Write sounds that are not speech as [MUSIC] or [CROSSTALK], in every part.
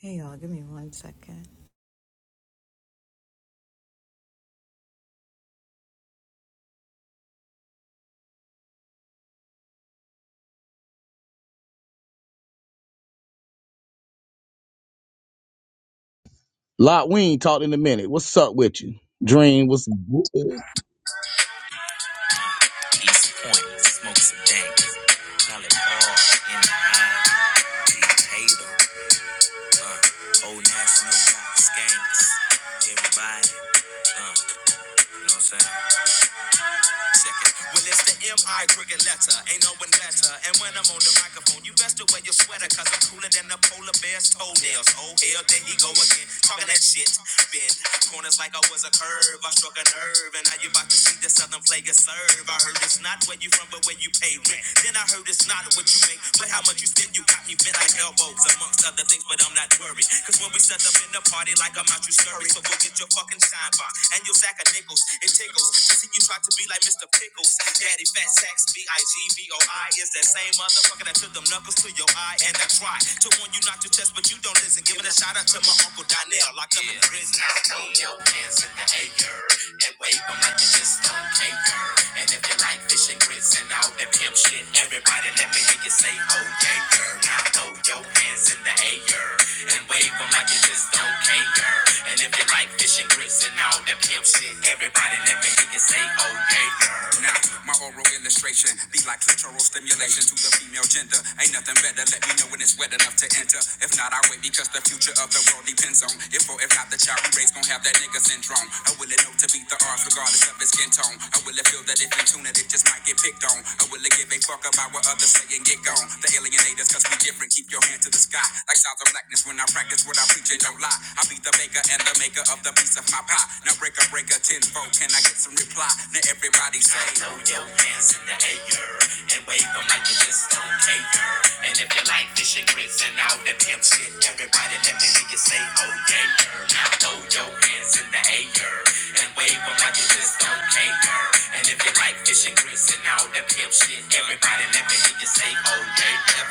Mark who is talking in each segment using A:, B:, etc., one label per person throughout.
A: Hey y'all, give me one second.
B: Lot, we ain't talked in a minute. What's up with you? Dream, what's good?
A: East Point, smoke some dank, call it all in the eye. Deep Hater, old national got skanks. Everybody, you know what I'm saying? chicken. Well, it's the M.I. cricket letter. Ain't no one better. And when I'm on the microphone, you best to wear your sweater, cause I'm cooler than the polar bear's toenails. Oh, hell, there he go again. Talking that shit. Bend corners like I was a curve. I struck a nerve, and now you about to see the Southern player serve. I heard it's not where you from, but where you pay rent. Then I heard it's not what you make, but how much you spend. You got me bent like elbows, amongst other things, but I'm not worried. Cause when we set up in the party, like I'm out, you scurry. So we'll get read your fucking sign by. And your sack of nickels, it tickles. To see you try to be like Mr. Pickles. Daddy Fat Sacks, B I G V O I, is that same motherfucker that took them knuckles to your eye. And I try to warn you not to test, but you don't listen. Giving a shout out to my Uncle Donnell, locked up in Yeah. prison. Now throw your hands in the air and wave 'em like you just don't care. And if you like fish and grits and all that pimp shit, everybody let me hear you say, oh yeah, girl. Now throw your hands in the behavior and wave them like you just don't care. And if you like fishing grits and all that pimp shit, everybody let me hear you say, oh yeah, Now, my oral illustration be like clitoral stimulation to the female gender. Ain't nothing better. Let me know when it's wet enough to enter. If not, I wait because the future of the world depends on if or if not the child we raise gon' have that nigga syndrome. I will it know to beat the odds regardless of his skin tone. I will it feel that if in tune it, it just might get picked on. I will it give a fuck Talk about what others say and get gone. The alienators, cause we different. Keep your hand to the sky. Like sounds of blackness when I practice what I preach and don't lie. I be the baker and the maker of the piece of my pie. Now break breaker tenfold. Can I get some reply? Now everybody say, Throw your hands in the air and wave them like you just don't care. And if you like fish and grits and all that pimp shit, everybody let me make it say, Oh yeah. Now throw your hands in the air and wave them like you just don't OJ girl. And if you like fish and grits and all that pimp shit, everybody let me hear you say OJ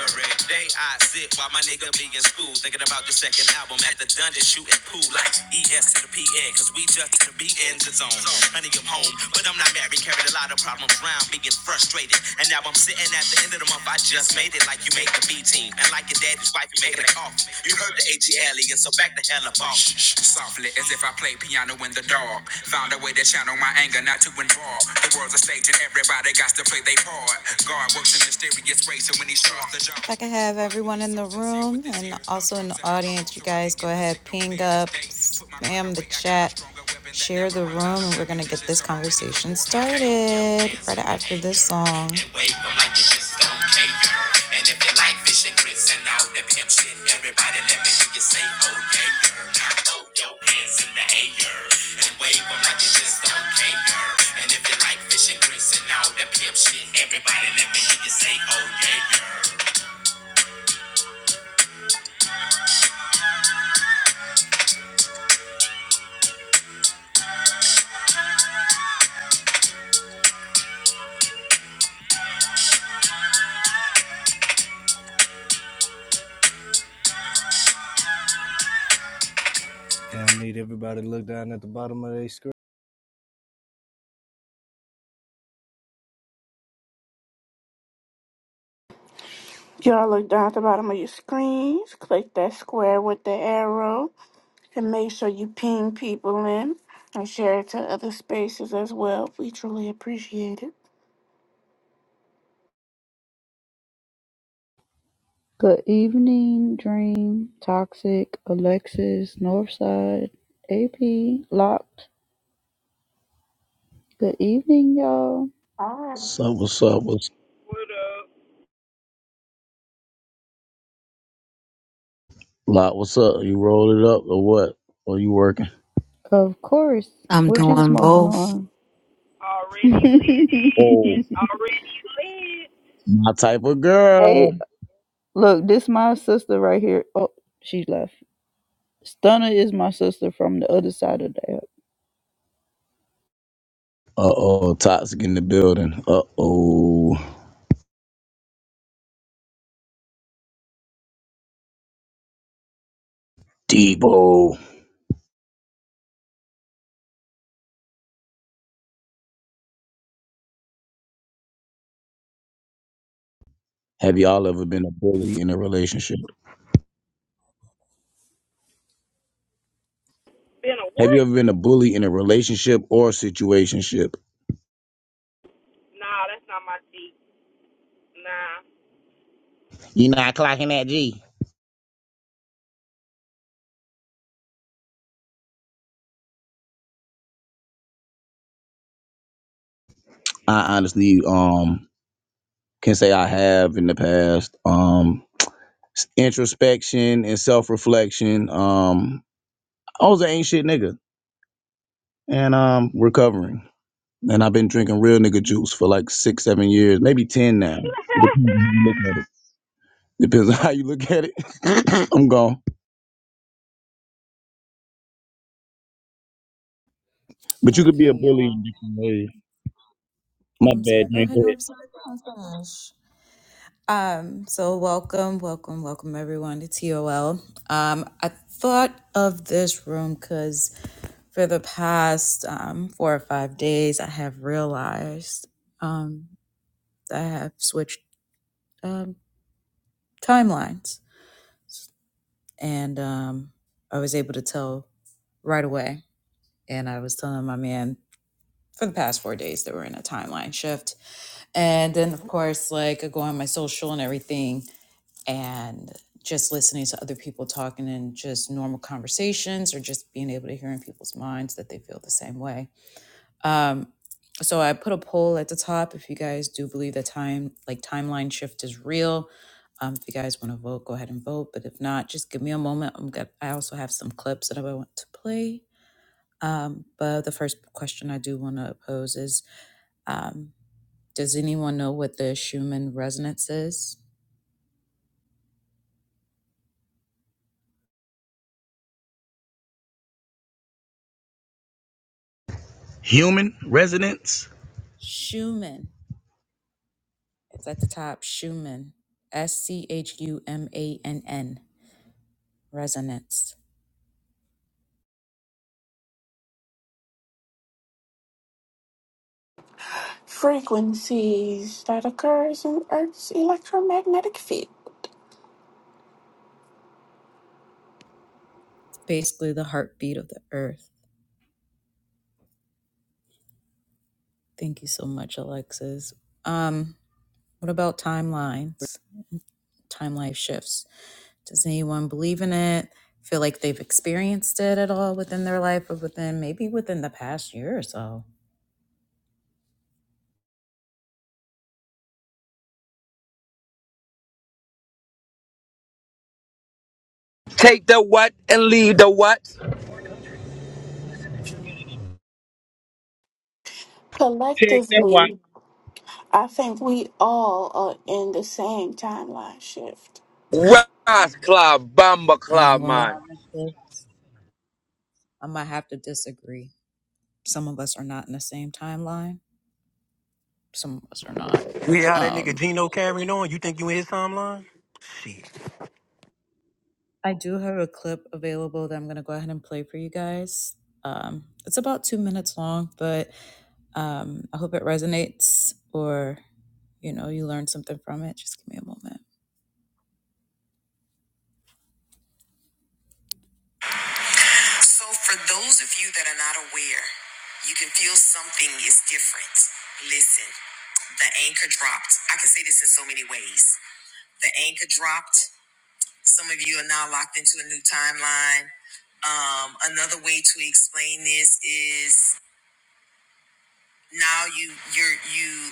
A: Every day I sit while my nigga be in school, thinking about the second album at the dungeon shooting pool like ES to the PN, cause we just to be in the zone. Honey, I'm home, but I'm not married, carried a lot of problems around, being frustrated. And now I'm sitting at the end of the month, I just made it like you made the B team, and like your daddy's wife, you made it off. You heard the AT alley, and so back the hell up off. Softly as if I play piano in the dark. Found a way to channel my anger, not to involve. The world's a stage and everybody got to play their part. God works in mysterious ways, so when he starts the job. If I could have everyone in the room and also in the audience, you guys go ahead, ping up, spam the chat, share the room, and we're going to get this conversation started right after this song. And if your life is Secrets and all pimp shit. Everybody let me hear you say, oh yeah, girl. Now throw your hands in the air and wave 'em like you just don't care. And if you like fish and grits and all that pimp shit, everybody let me hear you say, oh yeah, girl.
C: Yeah, I need everybody to look down at the bottom of their screen.
D: Y'all look down at the bottom of your screens, click that square with the arrow, and make sure you ping people in and share it to other spaces as well. We truly appreciate it.
E: Good Evening Dream, Toxic, Alexis, Northside, AP, Locked. Good evening, y'all.
D: All
B: What's
D: right.
B: up, what's up? What's
F: would have
B: Lot, what's up? You rolled it up or what? Or you working?
E: Of course,
G: I'm
E: what you
G: doing
E: smoking
G: both.
E: on?
F: already led.
B: Oh,
F: It
E: [LAUGHS]
F: already led.
B: my type of
E: hey,
B: girl.
E: look, this my sister right here. Oh, she left. Stunner is my sister from the other side of the
B: Uh oh, toxic in the building. Uh oh, Debo. Have y'all ever been a bully in a relationship?
F: Been a
B: Have you
F: what?
B: ever been a bully in a relationship or situationship?
F: Nah, that's not my seat. Nah.
B: You not clocking that G. I honestly um can say I have in the past. Um, s- introspection and self reflection. Um, I was an ain't shit nigga, and um, recovering. And I've been drinking real nigga juice for like six, seven years, maybe ten now. Depends on how
F: [LAUGHS]
B: you look at it. Depends on how you look at it. [LAUGHS] I'm gone. But you could be a
A: Okay,
B: bully
A: y'all.
B: in different ways.
A: Oh,
B: My
A: I'm
B: bad,
A: sorry. Go
B: drink
A: ahead, North.
B: ahead.
A: Side. Oh, my gosh. Um, so welcome, welcome, welcome everyone to TOL. Um, I thought of this room because. for the past um, four or five days, I have realized um, that I have switched um, timelines. And um, I was able to tell right away. And I was telling my man for the past four days that we're in a timeline shift. And then, of course, like I go on my social and everything and just listening to other people talking and just normal conversations or just being able to hear in people's minds that they feel the same way Um, so I put a poll at the top if you guys do believe that time, like timeline shift, is real. Um, if you guys want to vote, go ahead and vote. But if not, just give me a moment. I'm good. I also have some clips that I want to play. Um, but the first question I do want to pose is: um, Does anyone know what the Schumann resonance is?
B: Human residence.
A: Schumann. It's at the top. Schumann. S C H U M A N N. Resonance.
D: Frequencies that occurs in Earth's electromagnetic field.
A: It's basically the heartbeat of the earth. Thank you so much, Alexis. Um, what about timelines, time life shifts? Does anyone believe in it? Feel like they've experienced it at all within their life or within maybe within the past year or so?
H: Take the what and leave the what?
B: Take that watch
D: Collectively, I think we all are in the same timeline shift.
H: Rise club, bomber
A: I ain't
H: club,
A: gonna lie,
H: man.
A: Alexis, I might have to disagree. Some of us are not in the same timeline, some of us are not.
I: You hear how that nigga
A: Um.
I: Gino carrying on? You think you in his timeline? Shit.
A: I do have a clip available that I'm going to go ahead and play for you guys. Um, it's about two minutes long, but um, I hope it resonates or, you know, you learn something from it. Just give me a moment. You can feel something is different. Listen, the anchor dropped. I can say this in so many ways. The anchor dropped. Some of you are now locked into a new timeline. Um, another way to explain this is now you you're you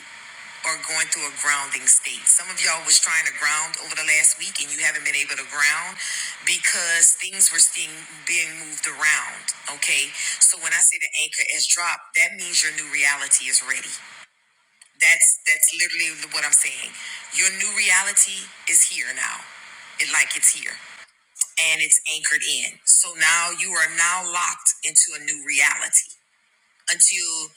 A: are going through a grounding state. Some of y'all was trying to ground over the last week and you haven't been able to ground because things were being being moved around. Okay. So when I say the anchor is dropped, that means your new reality is ready. That's that's literally what I'm saying. Your new reality is here now. It like it's here. And it's anchored in. So now you are now locked into a new reality until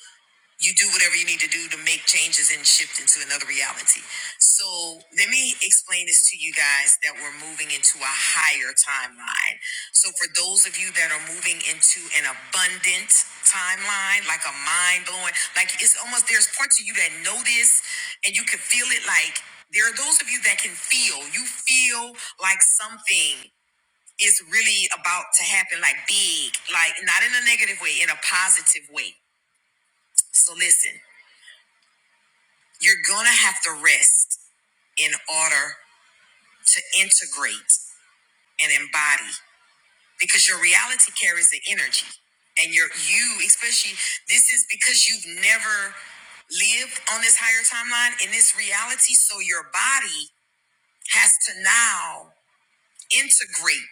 A: you do whatever you need to do to make changes and shift into another reality. So let me explain this to you guys that we're moving into a higher timeline. So for those of you that are moving into an abundant timeline, like a mind blowing, like it's almost there's parts of you that know this and you can feel it like there are those of you that can feel, you feel like something is really about to happen, like big, like not in a negative way, in a positive way. So listen. You're going to have to rest in order to integrate and embody because your reality carries the energy. And your you, especially, this is because you've never lived on this higher timeline in this reality. So your body has to now integrate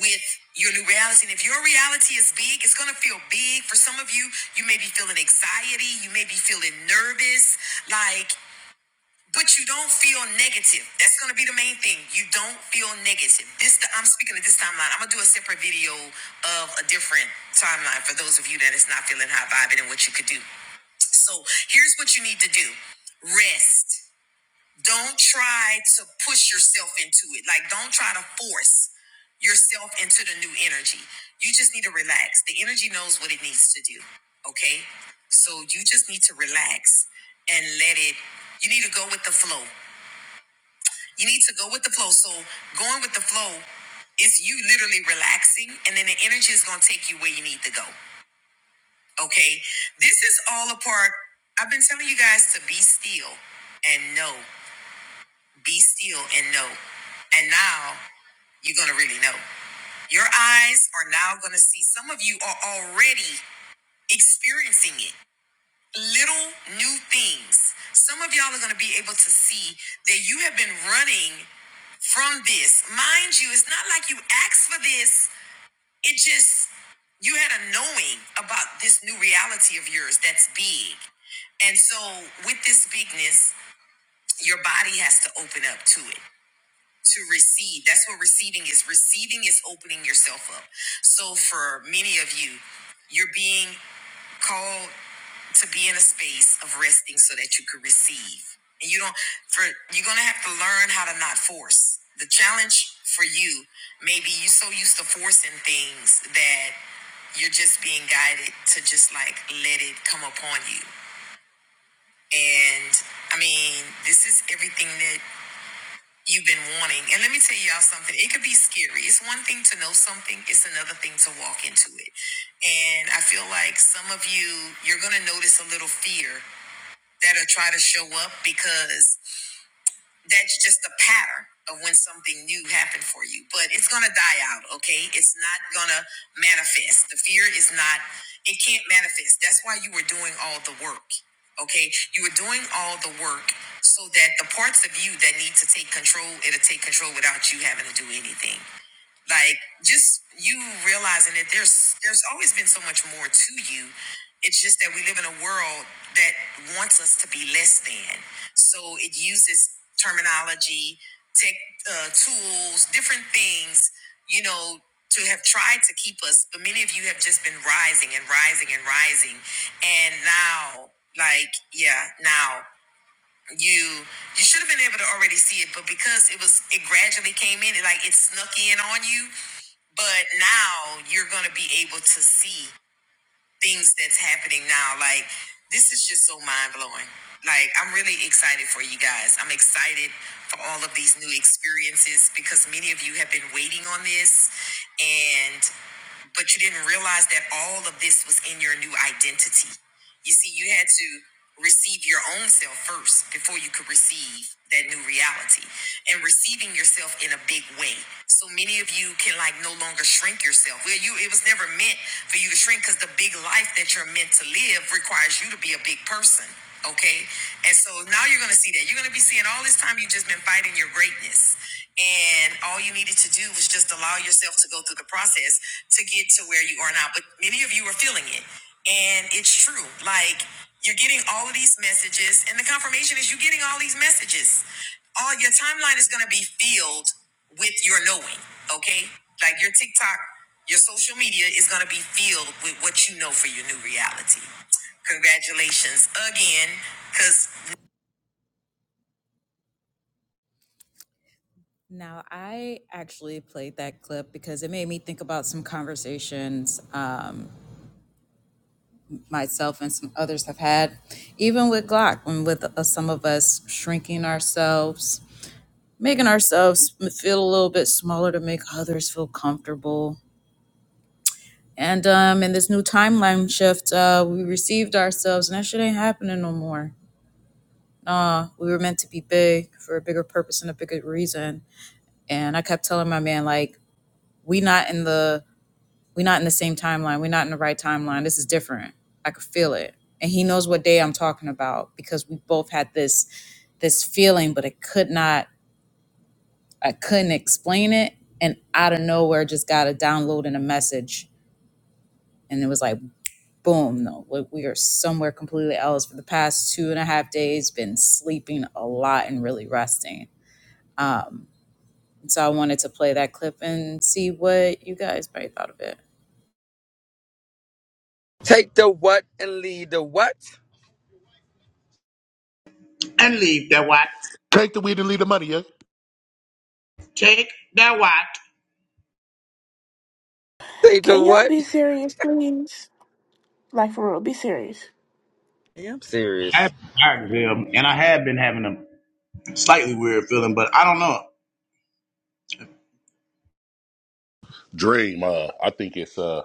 A: with your new reality. And if your reality is big, it's going to feel big. For some of you, you may be feeling anxiety. You may be feeling nervous. Like, But you don't feel negative. That's gonna be the main thing. You don't feel negative. This the, I'm speaking of this timeline. I'm gonna do a separate video of a different timeline for those of you that is not feeling high vibing and what you could do. So here's what you need to do: rest. Don't try to push yourself into it. Like don't try to force yourself into the new energy. You just need to relax. The energy knows what it needs to do. Okay? So you just need to relax and let it, you need to go with the flow. You need to go with the flow. So going with the flow is you literally relaxing, and then the energy is going to take you where you need to go. Okay. This is all a part. I've been telling you guys to be still and know. Be still and know. And now you're going to really know. Your eyes are now going to see. Some of you are already experiencing it. Little new things. Some of y'all are going to be able to see that you have been running. from this. Mind you, it's not like you asked for this. It just, you had a knowing about this new reality of yours that's big. And so, with this bigness, your body has to open up to it to receive. That's what receiving is. Receiving is opening yourself up. So for many of you, you're being called to be in a space of resting so that you could receive. And you don't for you're gonna have to learn how to not force. The challenge for you maybe you're so used to forcing things that you're just being guided to just like let it come upon you. And I mean, this is everything that you've been wanting. And let me tell y'all something. It could be scary. It's one thing to know something, it's another thing to walk into it. And I feel like some of you, you're going to notice a little fear that'll try to show up because that's just a pattern of when something new happened for you but it's gonna die out okay it's not gonna manifest the fear is not it can't manifest that's why you were doing all the work okay you were doing all the work so that the parts of you that need to take control it'll take control without you having to do anything like just you realizing that there's there's always been so much more to you it's just that we live in a world that wants us to be less than so it uses terminology tech uh, tools different things you know to have tried to keep us but many of you have just been rising and rising and rising and now like yeah now you you should have been able to already see it, but because it was it gradually came in, it like it snuck in on you. But now you're gonna be able to see things that's happening now. Like this is just so mind blowing. Like I'm really excited for you guys. I'm excited for all of these new experiences because many of you have been waiting on this, and but you didn't realize that all of this was in your new identity. You see, you had to receive your own self first before you could receive that new reality and receiving yourself in a big way. So many of you can like no longer shrink yourself. Well, you it was never meant for you to shrink because the big life that you're meant to live requires you to be a big person. Okay. And so now you're gonna see that. You're gonna be seeing all this time you've just been fighting your greatness and all you needed to do was just allow yourself to go through the process to get to where you are now. But many of you are feeling it. And it's true. Like you're getting all of these messages, and the confirmation is you're getting all these messages. All your timeline is going to be filled with your knowing, okay? Like your TikTok, your social media is going to be filled with what you know for your new reality congratulations again because Now, I actually played that clip because it made me think about some conversations um, myself and some others have had, even with Glock, and with uh, some of us shrinking ourselves, making ourselves feel a little bit smaller to make others feel comfortable. And um, in this new timeline shift, uh, we received ourselves, and that shit ain't happening no more. Nah, we were meant to be big for a bigger purpose and a bigger reason. And I kept telling my man, like, we not in the We're not in the same timeline. We're not in the right timeline. This is different. I could feel it. And he knows what day I'm talking about because we both had this this feeling, but it could not I couldn't explain it. And out of nowhere just got a download and a message. And it was like, boom, no, we we are somewhere completely else. For the past two and a half days, been sleeping a lot and really resting. Um, so I wanted to play that clip and see what you guys might have thought of it.
H: Take the what and leave the what?
B: and leave that watch.
J: Take the weed and leave the money, yeah?
B: Take that watch.
H: Take the
D: Can y'all
H: what?
D: be serious, please? Like for real, be serious.
H: Yeah, I'm
B: I
H: serious.
B: tired them, and I have been having a slightly weird feeling, but I don't know.
J: Dream, uh, I think it's uh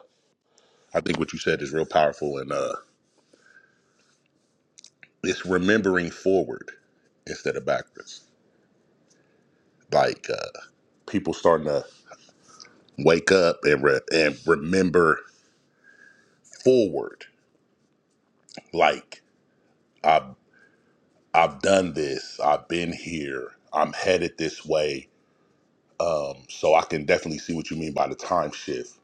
J: I think what you said is real powerful and uh it's remembering forward instead of backwards. Like uh people starting to wake up and re- and remember forward. Like I've I've done this, I've been here, I'm headed this way. So I can definitely see what you mean by the time shift.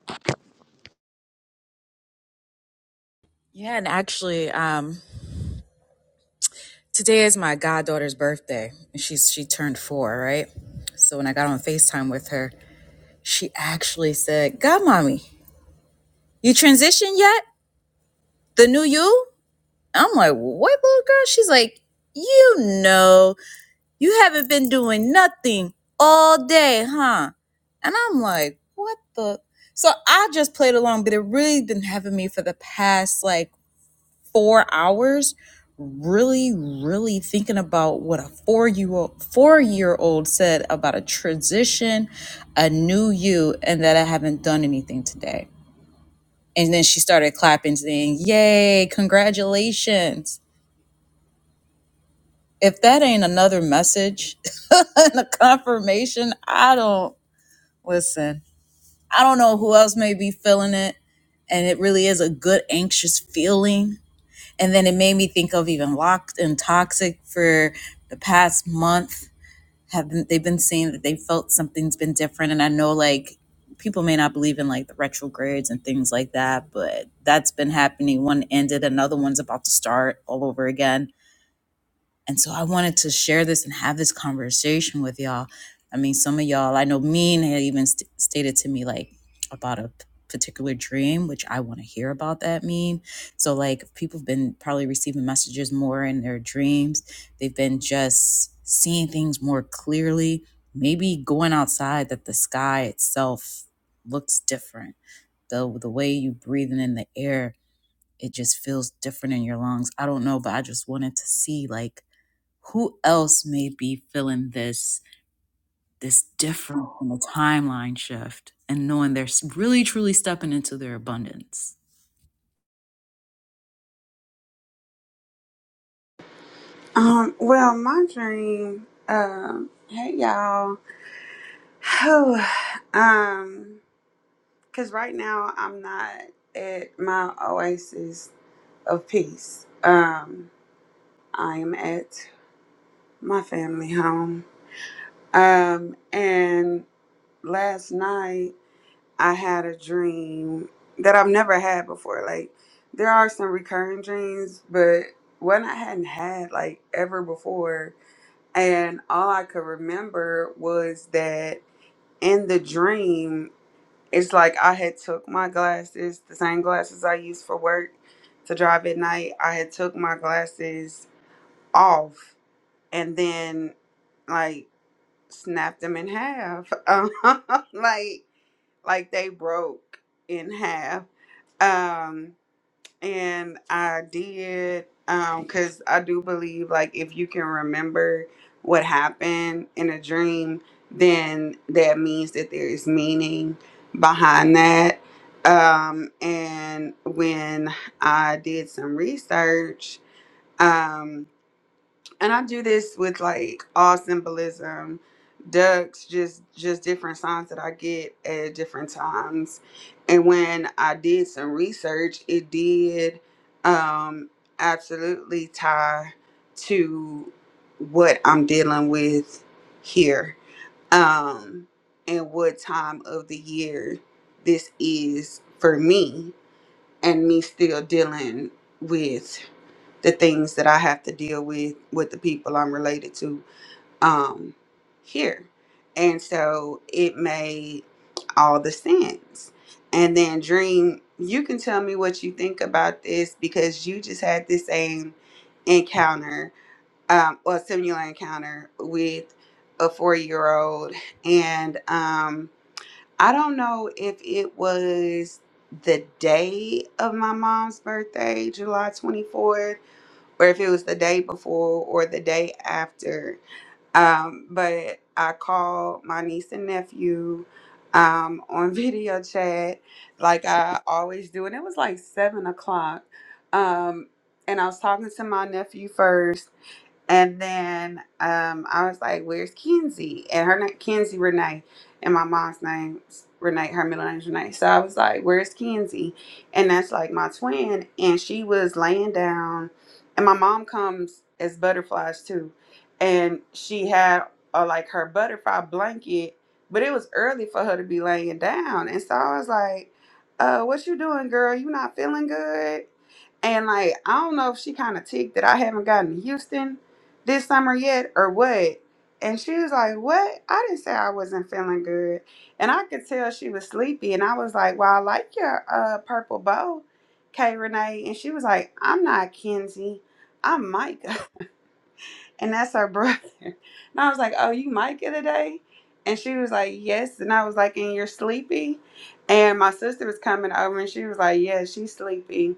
A: Yeah, and actually, um, Today is my goddaughter's birthday, and she's she turned four, right? So when I got on FaceTime with her, she actually said, "God, mommy, you transitioned yet? The new you?" I'm like, "What, little girl?" She's like, "You know, you haven't been doing nothing all day, huh?" And I'm like, "What the?" So I just played along, but it really been having me for the past like four hours really really thinking about what a four year old four year old said about a transition a new you and that i haven't done anything today and then she started clapping saying yay congratulations if that ain't another message [LAUGHS] and a confirmation i don't listen i don't know who else may be feeling it and it really is a good anxious feeling And then it made me think of even locked and toxic for the past month. Have been, they've been saying that they felt something's been different, and I know like people may not believe in like the retrogrades and things like that, but that's been happening. One ended, another one's about to start all over again and so I wanted to share this and have this conversation with y'all. I mean, some of y'all, I know Mean had even st- stated to me like about a p- particular dream, which I want to hear about that Mean. So, like, people have been probably receiving messages more in their dreams. They've been just seeing things more clearly, maybe going outside that the sky itself looks different. The, the way you breathing in the air, it just feels different in your lungs. I don't know, but I just wanted to see like who else may be feeling this this different from a timeline shift and knowing they're really truly stepping into their abundance
K: Um, well, my dream, um, hey y'all. [SIGHS] um, cause right now I'm not at my oasis of peace. Um, I am at my family home. Um, and last night I had a dream that I've never had before. Like, there are some recurring dreams, but one I hadn't had like ever before And all I could remember was that in the dream, it's like I had took my glasses, the same glasses I used for work to drive at night. I had took my glasses off and then like snapped them in half. [LAUGHS] Um, like like they broke in half. Um and I did um cuz I do believe like if you can remember what happened in a dream then that means that there is meaning behind that um and when I did some research um, and I do this with like all symbolism, ducks, just just different signs that I get at different times. And when I did some research, it did um absolutely tie to what I'm dealing with here. Um and what time of the year this is for me and me still dealing with the things that I have to deal with with the people I'm related to um here. And so it made all the sense. And then dream, you can tell me what you think about this because you just had this same encounter um or similar encounter with a 4-year-old and um I don't know if it was the day of my mom's birthday, July 24th or if it was the day before or the day after. Um, but I called my niece and nephew um, on [LAUGHS] video chat, like I always do, and it was like seven o'clock. Um, and I was talking to my nephew first and then um, I was like, "Where's Kenzie?" And her name Kenzie Renee, and my mom's name's Renee. Her middle name's Renee. So I was like, "Where's Kenzie?" And that's like my twin, and she was laying down. And my mom comes as butterflies too, and she had uh, like her butterfly blanket, but it was early for her to be laying down. And so I was like, uh, "What you doing, girl? You not feeling good?" And like I don't know if she kind of ticked that I haven't gotten to Houston this summer yet or what? And she was like, What? I didn't say I wasn't feeling good. And I could tell she was sleepy. And I was like, Well, I like your uh, purple bow, Kay Renee. And she was like, I'm not Kenzie. I'm Micah. [LAUGHS] And that's her [LAUGHS] brother. And I was like, Oh, you Micah today? And she was like, Yes. And I was like, And you're sleepy? And my sister was coming over and she was like, Yeah, she's sleepy.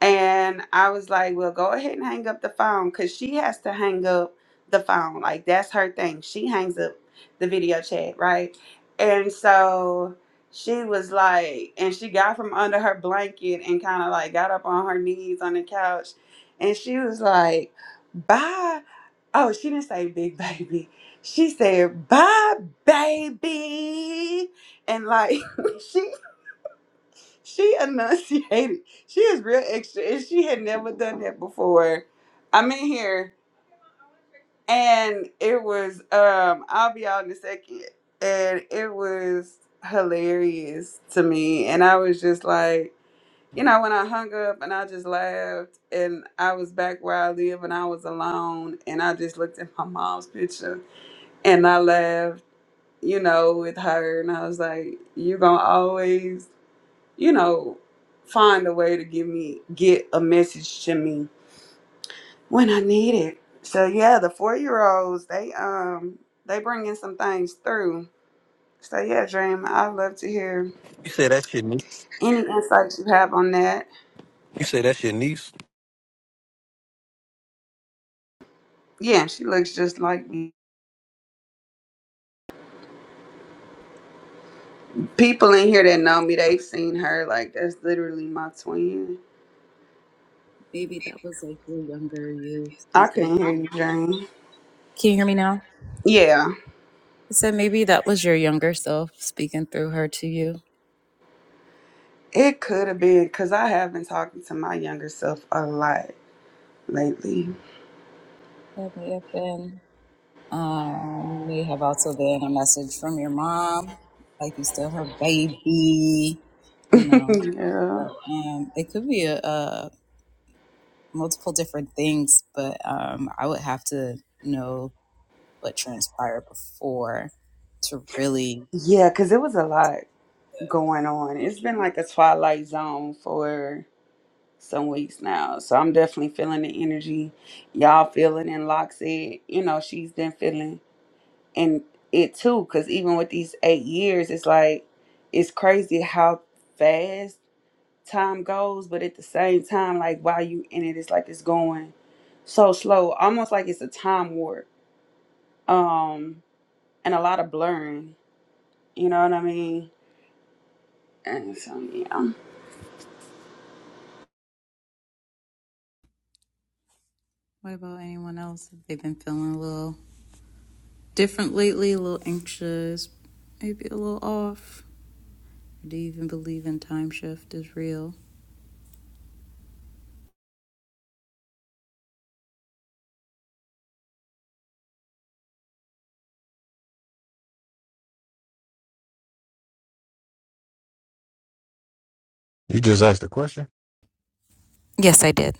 K: And I was like, well, go ahead and hang up the phone because she has to hang up the phone. Like, that's her thing. She hangs up the video chat, right? And so she was like, and she got from under her blanket and kind of like got up on her knees on the couch. And she was like, bye. Oh, she didn't say big baby. She said, bye, baby. And like, [LAUGHS] she she enunciated. [LAUGHS] She is real extra, and she had never done that before. I'm in here, and it was. Um, I'll be out in a second, and it was hilarious to me. And I was just like, you know, when I hung up, and I just laughed, and I was back where I live, and I was alone, and I just looked at my mom's picture, and I laughed. You know, with her, and I was like, you gonna always you know, find a way to give me get a message to me when I need it. So yeah, the four year olds they um they bringing some things through. So yeah, Dream, I'd love to hear
I: You said that's your niece.
K: any insights you have on that.
I: You said that's your niece.
K: Yeah, she looks just like me. People in here that know me, they've seen her. Like that's literally my twin.
A: maybe that was like your younger you
K: I
A: speaking
K: couldn't hear
A: through
K: you, Dream.
A: can you hear me now
K: Yeah,
A: i said maybe that was your younger self speaking through her to you
K: it could have been because I have been talking to my younger self a lot lately.
A: that may have been um may have also been a message from your mom like you still her baby you
K: [LAUGHS]
A: know
K: yeah.
A: so, um it could be a, a multiple different things, but um, I would have to know what transpired before to really.
K: Yeah, because it was a lot going on. It's been like a twilight zone for some weeks now. So I'm definitely feeling the energy. Y'all feeling and Loxie. you know, she's been feeling and it too, because even with these eight years, it's like it's crazy how fast time goes, but at the same time, like while you in it, it's like it's going so slow, almost like it's a time warp. Um, and a lot of blurring, you know what I mean? And so yeah.
A: What about anyone else? If they've been feeling a little different lately, a little anxious, maybe a little off. Do you even believe in time shift is real?
L: You just asked the question.
A: Yes, I did.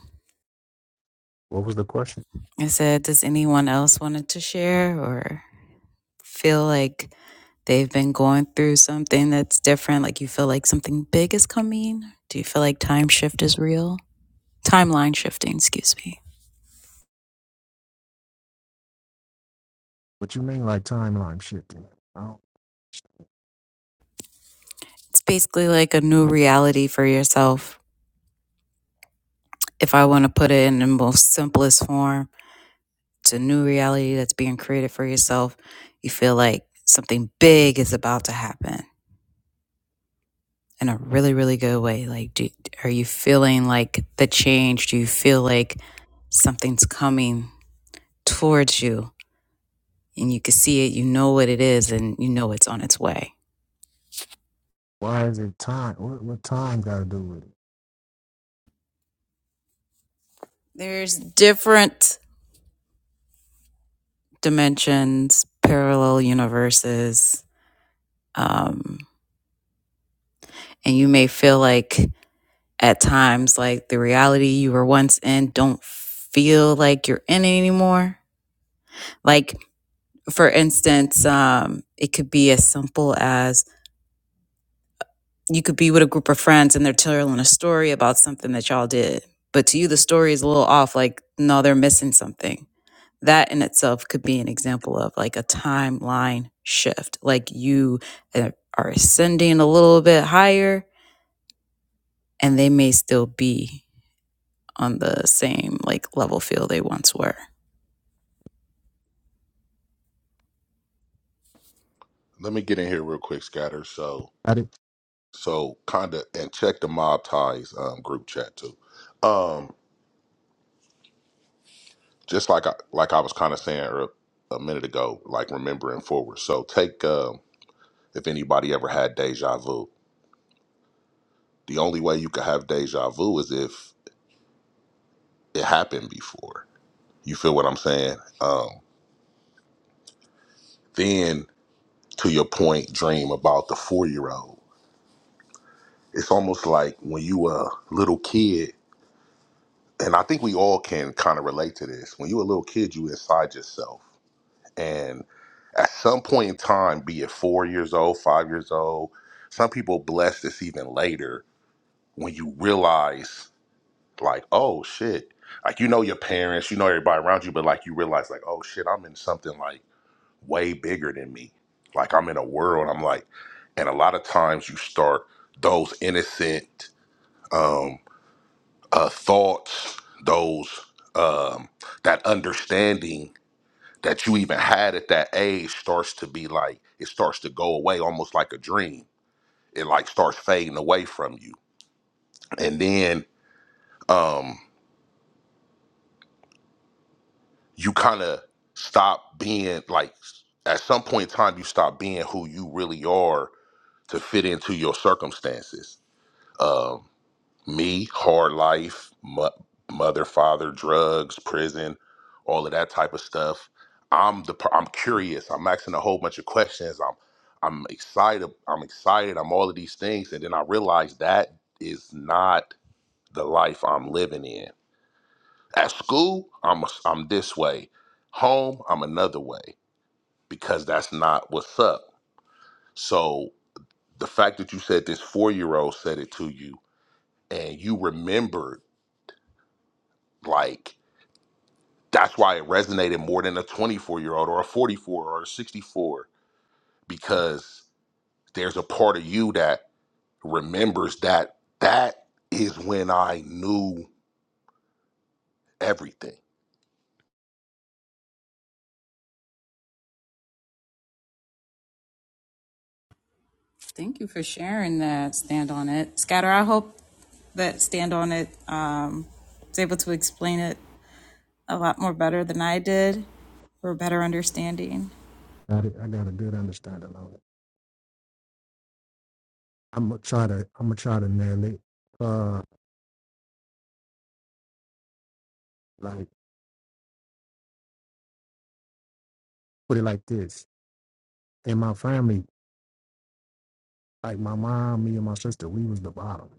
L: What was the question?
A: I said, does anyone else wanted to share or feel like they've been going through something that's different? Like you feel like something big is coming? Do you feel like time shift is real? timeline shifting, excuse me.
L: What you mean like timeline shifting? I don't-
A: It's basically like a new reality for yourself. If I want to put it in the most simplest form, it's a new reality that's being created for yourself. You feel like something big is about to happen in a really, really good way. Like, do, are you feeling like the change? Do you feel like something's coming towards you and you can see it? You know what it is and you know it's on its way.
L: Why is it time? What, what time got to do with it?
A: There's different dimensions, parallel universes, Um, and you may feel like at times like the reality you were once in don't feel like you're in it anymore. Like for instance, um, it could be as simple as you could be with a group of friends and they're telling a story about something that y'all did, but to you the story is a little off. Like no, they're missing something. That in itself could be an example of like a timeline shift. Like you uh, are ascending a little bit higher, and they may still be on the same like level field they once were.
J: Let me get in here real quick, Scatter. So
L: Got it.
J: so kinda and check the mob ties um group chat too. Um. just like I, like I was kind of saying ear- a minute ago, like remembering forward. So take uh, if anybody ever had deja vu. The only way you could have deja vu is if it happened before. You feel what I'm saying? Um, then to your point, dream about the four year old. It's almost like when you a little kid, and I think we all can kind of relate to this. When you a little kid, you inside yourself And at some point in time, be it four years old, five years old, some people bless this even later when you realize, like, oh shit, like you know your parents, you know everybody around you, but like you realize, like, oh shit, I'm in something like way bigger than me. Like I'm in a world, I'm like, and a lot of times you start those innocent um, uh, thoughts, those um, that understanding that you even had at that age starts to be like it starts to go away almost like a dream it like starts fading away from you and then um you kind of stop being like at some point in time you stop being who you really are to fit into your circumstances Um, Me, hard life, mo- mother, father, drugs, prison, all of that type of stuff. I'm the per- I'm curious. I'm asking a whole bunch of questions. I'm I'm excited. I'm excited. I'm all of these things, and then I realize that is not the life I'm living in. At school, I'm I'm this way. Home, I'm another way because that's not what's up. So the fact that you said this four year old said it to you and you remembered, like, That's why it resonated more than a 24 year old or a 44 or a 64 because there's a part of you that remembers that that is when I knew everything.
A: Thank you for sharing that. Stand on it, Scatter. I hope that Stand on it um, was able to explain it a lot more better than I did for a better understanding.
L: Got it. I got a good understanding of it. I'm gonna try to. I'm gonna try to nail it. Uh, like put it like this. In my family, like my mom, me and my sister, we was the bottom.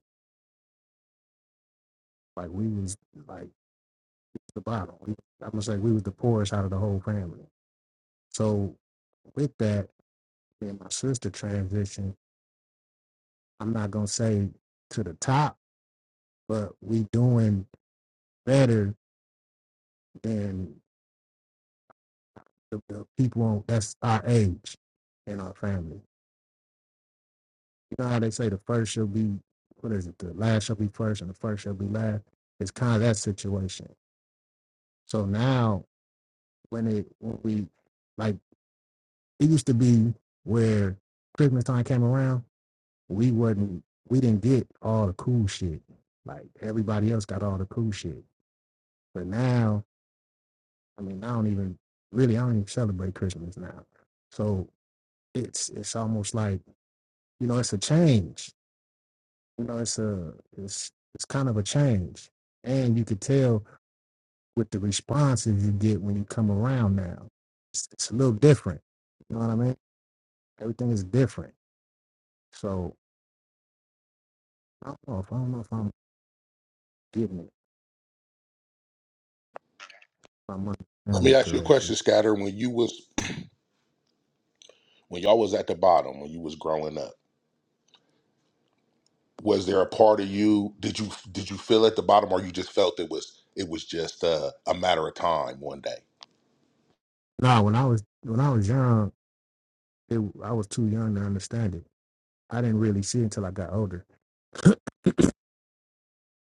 L: Like we was like the bottom. We, I'm gonna say we was the poorest out of the whole family. So with that, me and my sister transition. I'm not gonna say to the top but we doing better than the, the people on, that's our age in our family. You know how they say the first shall be, what is it? The last shall be first, and the first shall be last. It's kind of that situation. So now, when it when we like it used to be where Christmas time came around, we wasn't we didn't get all the cool shit. Like everybody else got all the cool shit. But now, I mean, I don't even really I don't even celebrate Christmas now. So it's it's almost like you know it's a change you know it's a it's it's kind of a change and you could tell with the responses you get when you come around now it's, it's a little different you know what i mean everything is different so i don't know if i don't know if i'm getting it if i'm
J: Let
L: understanding
J: me
L: it
J: ask you a
L: correctly
J: question, Scatter. When you was when y'all was at the bottom, when you was growing up, was there a part of you did you did you feel at the bottom or you just felt it was it was just uh, a matter of time one day?
L: no when i was when i was young it, i was too young to understand it i didn't really see it until i got older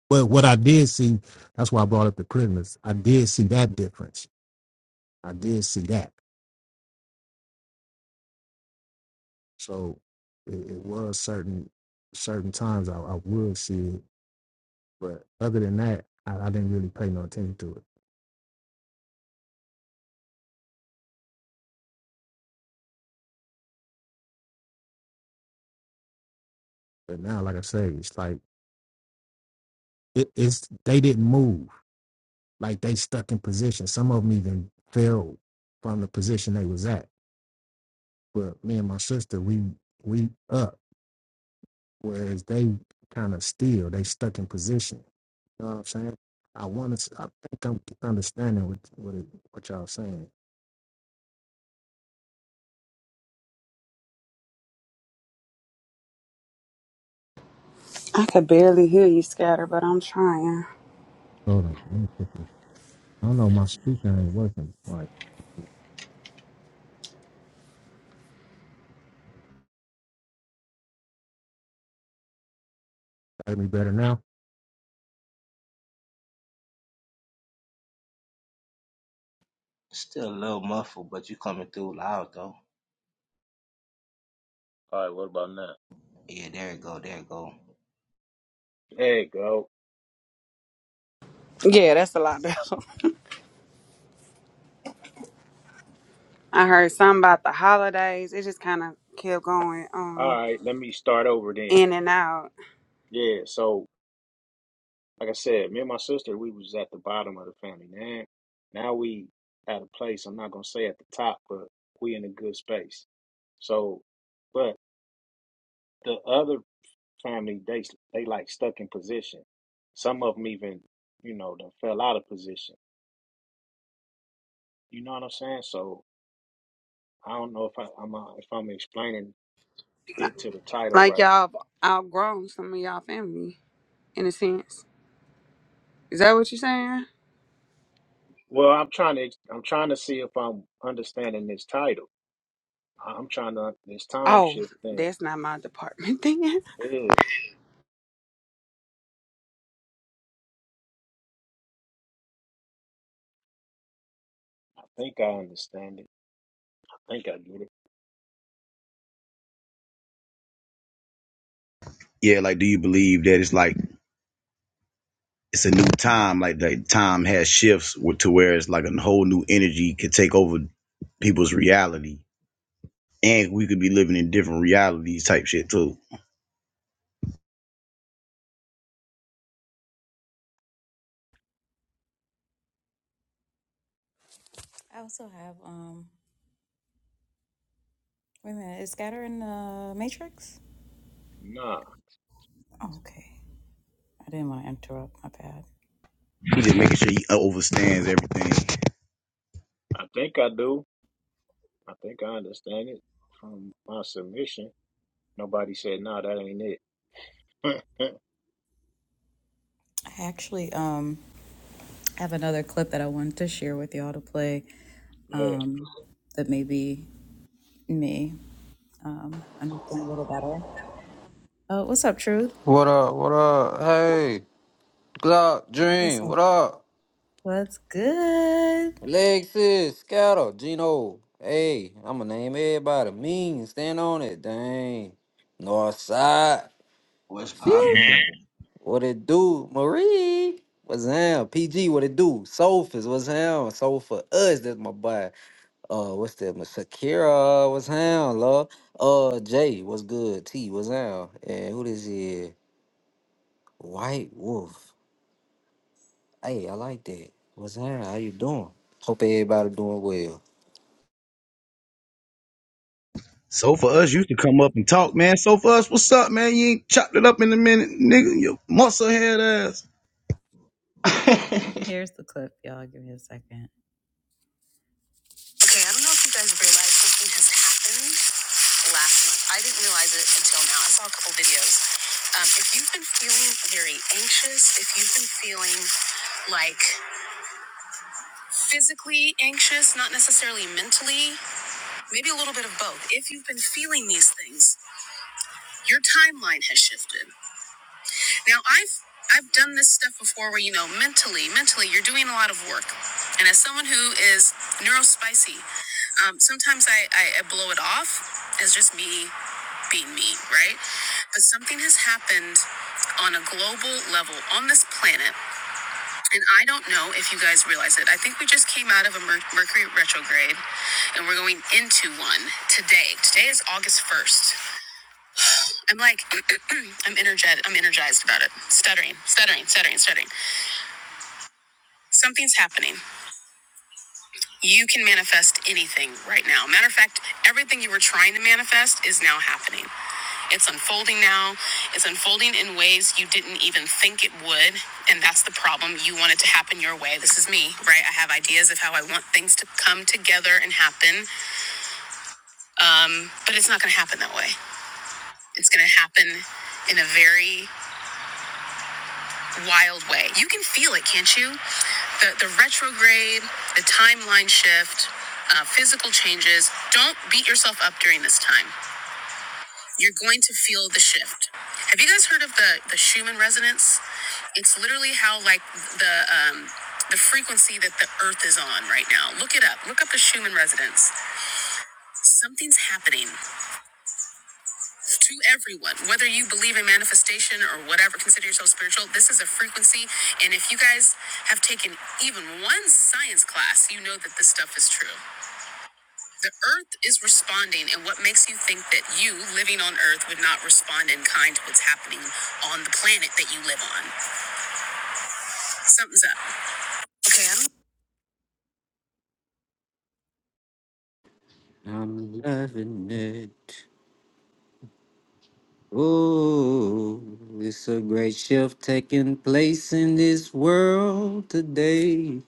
L: but what i did see that's why i brought up the prisoners i did see that difference i did see that So it, it was certain certain times I, I would see it, but other than that, I, I didn't really pay no attention to it. But now, like I say, it's like it, it's they didn't move, like they stuck in position. Some of them even fell from the position they was at. But me and my sister, we we up, whereas they kind of still they stuck in position. You know what I'm saying? I want to. I think I'm understanding what what, it, what y'all saying.
K: I could barely hear you, Scatter, but I'm trying.
L: Hold on. I don't know, my speaker ain't working. Like, hear me better now?
M: Still a little muffled, but you coming through loud though.
L: All right, what about now?
M: Yeah, there it go, there it go.
L: There you go.
K: Yeah, that's a lot better. [LAUGHS] I heard something about the holidays. It just kind of kept going
L: All
K: um,
L: right, let me start over then.
K: in and out.
L: Yeah, so like I said, me and my sister, we was at the bottom of the family. Now, now we at a place. I'm not gonna say at the top, but we in a good space. So, but the other family, they they like stuck in position. Some of them even, you know, done fell out of position. You know what I'm saying? So I don't know if I, I'm uh, if I'm explaining it to the title
K: Like
L: right.
K: y'all have outgrown some of y'all family, in a sense. Is that what you're saying?
L: Well, I'm trying to I'm trying to see if I'm understanding this title. I'm trying to this time
K: Oh,
L: shift thing.
K: that's not my department [LAUGHS] thing.
L: Yeah, I think I understand it. I think I get it.
B: Yeah, like do you believe that it's like it's a new time. Like the time has shifts with, to where it's like a whole new energy could take over people's reality, and we could be living in different realities type shit too.
A: I also have um, wait a minute, is Scatter in the Matrix?
L: Nah,
A: Oh, okay, I didn't want to interrupt. My bad.
B: He just making sure he overstands everything.
L: I think I do. I think I understand it from my submission. Nobody said no. Nah, that ain't it. [LAUGHS]
A: I actually um have another clip that I wanted to share with y'all to play
L: yeah.
A: um that maybe me um understand a little better. Uh, what's up, Truth?
N: What up? What up? Hey, Glock,
A: What's
N: Dream.
A: up?
N: What up?
A: What's good?
N: Lexus, Scatter, Gino. Hey, I'ma name everybody. Mean, stand on it. Dang. Northside,
M: What's
N: Future.
M: poppin'?
N: What it do? Marie. What's him? PG, what it do? Sophus, what's him? Soul for us, that's my boy. Uh, what's that? Miss Shakira, what's him, love? Uh, Jay, what's good? T, what's him? And who this is? White Wolf. Hey, I like that. What's up? How you doing? Hope everybody doing well.
B: So for us, used to come up and talk, man. So for us, what's up, man? You ain't chopped it up in a minute, nigga. Your muscle head ass.
M: [LAUGHS]
A: [LAUGHS]
M: Fact.
A: Here's the clip, y'all. Give me a second. Okay, I don't know if you guys realize something has happened last month. I didn't realize it until now. I saw a couple videos. Um, if you've been feeling very anxious, if you've been feeling like physically anxious, not necessarily mentally, maybe a little bit of both. If you've been feeling these things, your timeline has shifted. Now I've I've done this stuff before where you know mentally, mentally you're doing a lot of work. And as someone who is neurospicy, um, sometimes I, I, I blow it off as just me being me, right? But something has happened on a global level on this planet. And I don't know if you guys realize it. I think we just came out of a Mer- Mercury retrograde and we're going into one today. Today is August 1st. I'm like, [CLEARS THROAT] I'm energetic. I'm energized about it. Stuttering, stuttering, stuttering, stuttering. Something's happening. You can manifest anything right now. Matter of fact, everything you were trying to manifest is now happening. It's unfolding now. It's unfolding in ways you didn't even think it would. And that's the problem. You want it to happen your way. This is me, right? I have ideas of how I want things to come together and happen. Um, but it's not going to happen that way. It's going to happen in a very wild way. You can feel it, can't you? The the retrograde, the timeline shift, uh, physical changes. Don't beat yourself up during this time. You're going to feel the shift. Have you guys heard of the the Schumann resonance? It's literally how like the um, the frequency that the Earth is on right now. Look it up. Look up the Schumann resonance. Something's happening. to everyone, whether you believe in manifestation or whatever, consider yourself spiritual. This is a frequency. And if you guys have taken even one science class, you know that this stuff is true. The earth is responding, and what makes you think that you living on earth would not respond in kind to what's happening on the planet that you live on? Something's up. Okay, I
N: I'm loving it. Ooh, it's a great shift taking place in this world today.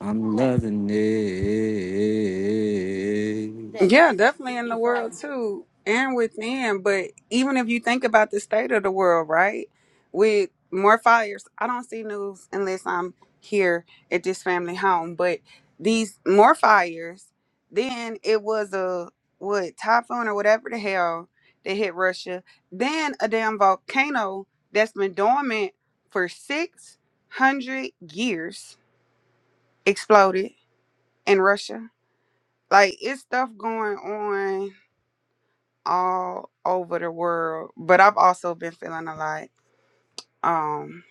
N: I'm loving it.
K: Yeah, definitely in the world too and within. But even if you think about the state of the world, right? With more fires, I don't see news unless I'm here at this family home. But these more fires, then it was a what typhoon or whatever the hell that hit Russia, then a damn volcano that's been dormant for 600 years exploded in Russia. Like it's stuff going on all over the world, but I've also been feeling a lot um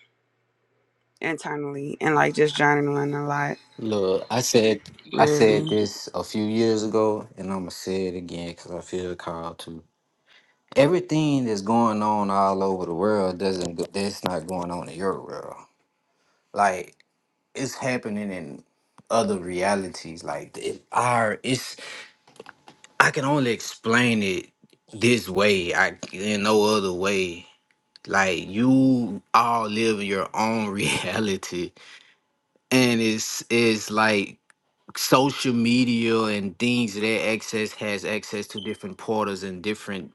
K: internally and like just journaling a lot,
N: Look, I said I said
K: really.
N: this a few years ago, and I'ma say it again because I feel called to. Everything that's going on all over the world doesn't go, that's not going on in your world. Like it's happening in other realities like it, our it's i can only explain it this way i in no other way like you all live your own [LAUGHS] reality and it's it's like social media and things that access has access to different portals and different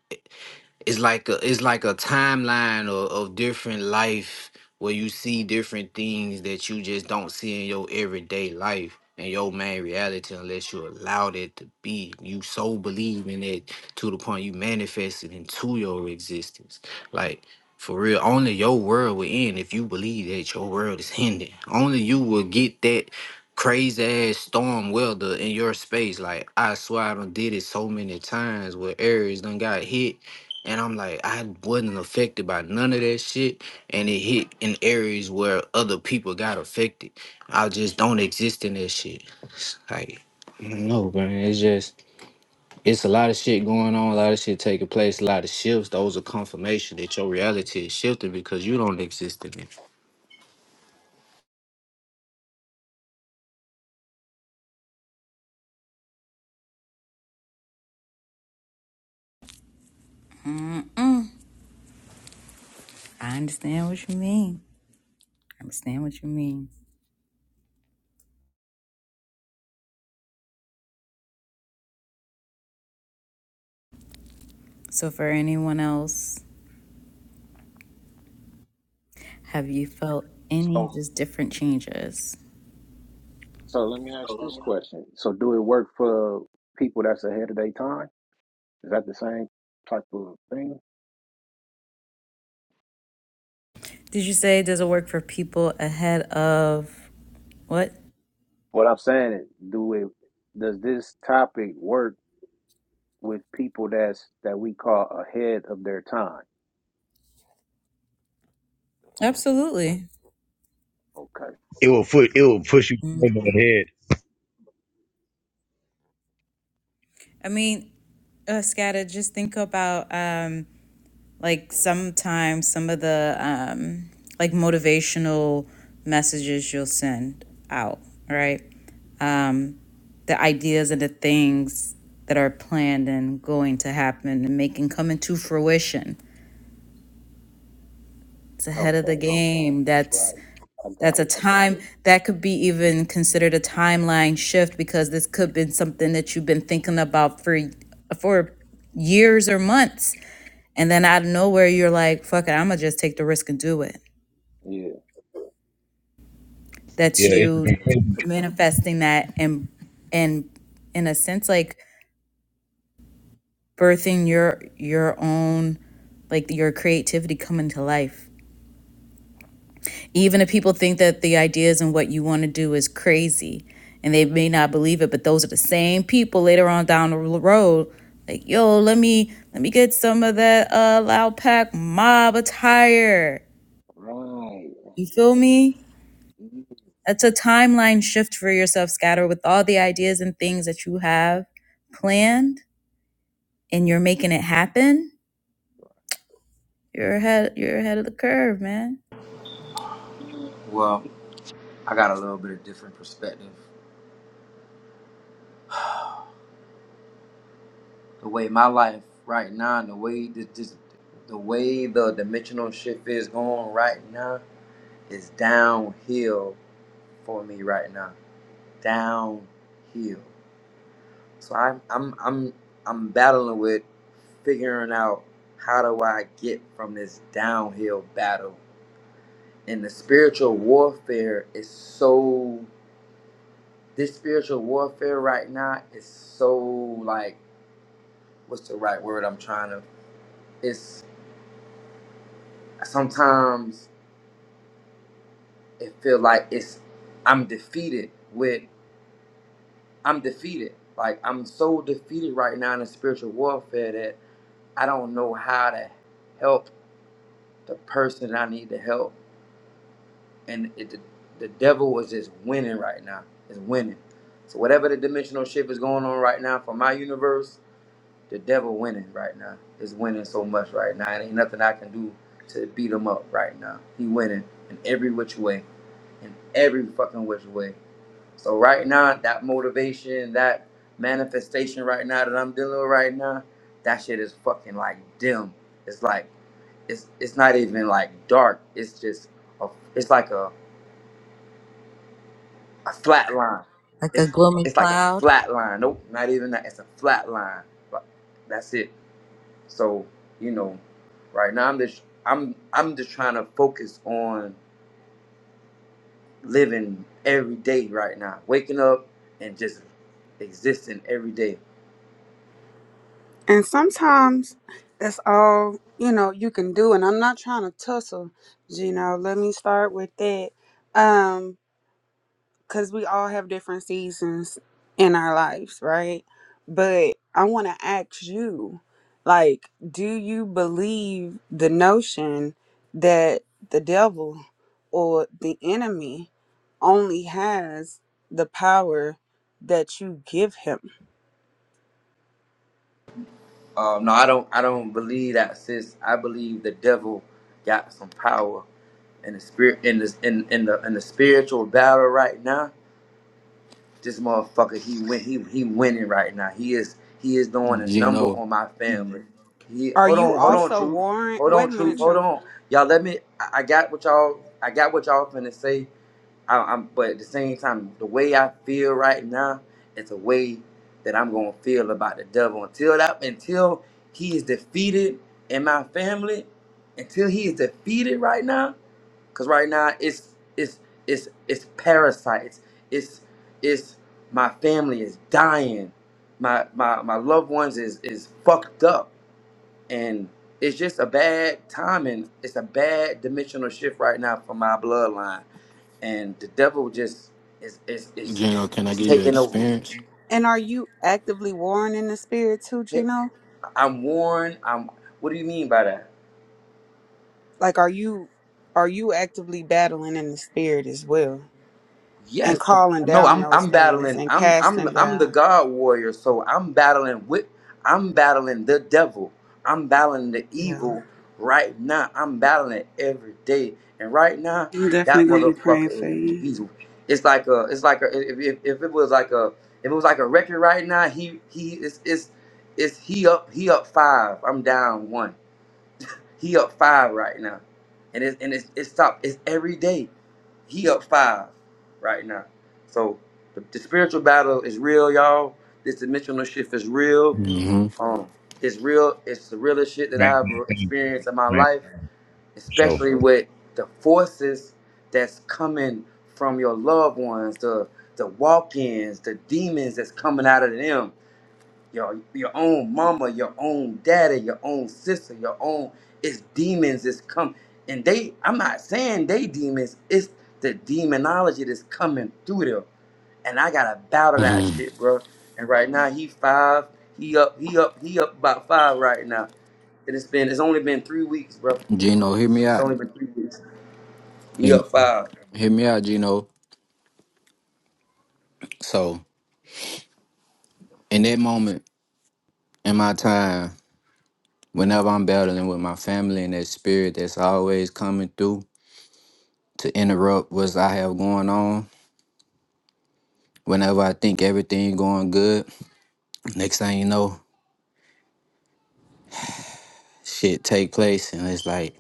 N: it's like a it's like a timeline of, of different life where you see different things that you just don't see in your everyday life and your main reality unless you allow that to be you so believe in it to the point you manifest it into your existence like for real only your world will end if you believe that your world is ending only you will get that crazy ass storm welder in your space like i swear i done did it so many times where areas done got hit and I'm like, I wasn't affected by none of that shit. And it hit in areas where other people got affected. I just don't exist in that shit. Like, no, man. It's just, it's a lot of shit going on, a lot of shit taking place, a lot of shifts. Those are confirmation that your reality is shifting because you don't exist in it.
A: don't Mm-mm. I understand what you mean. I understand what you mean. So, for anyone else, have you felt any
L: So,
A: just different changes?
L: question, uh, people that they time is that the same type of thing?
A: Did you say does it work for people ahead of what?
L: What I'm saying is, do it? Does this topic work with people that's that we call ahead of their time?
A: Absolutely.
L: Okay.
B: It will put it will push you over
A: People.
B: the head.
A: I mean, uh, Scatta, just think about um, like sometimes some of the um, like motivational messages you'll send out, right? Um, the ideas and the things that are planned and going to happen and making come into fruition. It's ahead of the
L: Okay,
A: game. That's
L: right. I
A: that's
L: got
A: a
L: it.
A: time that could be even considered a timeline shift because this could have been something that you've been thinking about for for years or months. And then out of nowhere you're like, fuck it, I'ma just take the risk and do it.
L: Yeah,
A: That's
B: Yeah, it's a
A: you
B: control
A: manifesting that and and in a sense like birthing your your own like your creativity coming to life even if people think that the ideas and what you want to do is crazy and they may not believe it but those are the same people later on down the road like yo let me let me get some of that uh loud pack mob attire
L: right.
A: you feel me
L: Mhm.
A: that's a timeline shift for yourself scatter with all the ideas and things that you have planned and you're making it happen you're ahead you're ahead of the curve man
H: Well, I got a little bit of different perspective. The way my life right now, and the way this, this the way the dimensional shift is going right now is downhill for me right now. Downhill. So I'm I'm I'm I'm battling with figuring out how do I get from this downhill battle. And the spiritual warfare is so this spiritual warfare right now is so like what's the right word I'm trying to it's sometimes it feel like it's I'm defeated with I'm defeated. Like I'm so defeated right now in the spiritual warfare that I don't know how to help the person that I need to help and it, the, the devil is just winning right now. Is winning. So whatever the dimensional shift is going on right now for my universe, the devil winning right now. Is winning so much right now. It ain't nothing I can do to beat him up right now. He winning in every which way, in every fucking which way. So right now, that motivation, that manifestation right now that I'm dealing with right now, that shit is fucking like dim. It's like it's it's not even like dark. It's just a, it's like a a flat line.
A: Like a
H: It's
A: gloomy
H: it's like a
A: cloud.
H: flat line. Nope, not even that. It's a flat line. But that's it. So you know, right now I'm just I'm I'm just trying to focus on living every day right now, waking up and just existing every day.
K: And sometimes that's all you know you can do. And I'm not trying to tussle, you know. Let me start with that. Um, because we all have different seasons in our lives, right? But I want to ask you, like, do you believe the notion that the devil or the enemy only has the power that you give him?
H: Um, no, I don't I don't believe that, sis. I believe the devil got some power in the spirit in this in in the in the spiritual battle right now. This motherfucker, he win, he he winning right now. He is he is doing a number
N: Gino,
H: on my family. He
K: Are
H: hold
K: you
H: on, hold on,
K: also
H: truth,
K: warring?
H: hold on,
K: Wait a
H: truth,
K: minute,
H: hold
K: True.
H: on. Y'all, let me. I, I got what y'all. I got what y'all finna say. I, I'm, but at the same time, the way I feel right now, it's a way that I'm gonna feel about the devil until that until he is defeated in my family. Until he is defeated right now. Cause right now it's it's it's it's parasites. It's it's my family is dying. My my my loved ones is is fucked up, and it's just a bad timing. It's a bad dimensional shift right now for my bloodline, and the devil just is is is
N: Gino, can I
H: is
N: get your
H: taking over.
N: experience?
K: And are you actively warring in the spirit too,
H: Hey,
K: Gino?
H: I'm worn. I'm. What do you mean by that?
K: Like, are you are you actively battling in the spirit as well? and
H: Yes. uh,
K: calling
H: No,
K: down
H: I'm
K: those
H: I'm
K: things
H: battling.
K: and
H: I'm I'm
K: casting
H: I'm the
K: down.
H: God warrior, so I'm battling with I'm battling the devil. I'm battling the
K: Yeah.
H: evil right now. I'm battling it every day. And right now,
K: I'm definitely
H: that
K: gonna be praying
H: motherfucker is
K: for you.
H: he's it's like a it's like a if, if, if it was like a if it was like a record right now, he he is It's. It's. he up he up five. I'm down one. He up five right now, and it's and it's it's top. It's every day. He up five right now. So the, the spiritual battle is real, y'all. This dimensional shift is real.
N: hmm
H: Um, it's real. It's the realest shit that
B: man,
H: I've
B: man,
H: experienced in my
B: man, for
H: life,
B: sure.
H: especially with the forces that's coming from your loved ones, the the walk-ins, the demons that's coming out of them your your own mama, your own daddy, your own sister, your own it's demons that's come and they I'm not saying they demons, it's the demonology that's coming through them. And I gotta battle that
N: Mhm.
H: shit, bro. And right now he five, he up, he up, he up about five right now. And it's been it's only been three weeks, bro.
N: Gino, [CLEARS THROAT] hear me
H: It's
N: out.
H: only been three weeks. He
N: Hear,
H: up five.
N: hear me out, Gino. So, in that moment, in my time. Whenever I'm battling with my family and that spirit that's always coming through to interrupt what I have going on, whenever I think everything going good, next thing you know, shit take place and it's like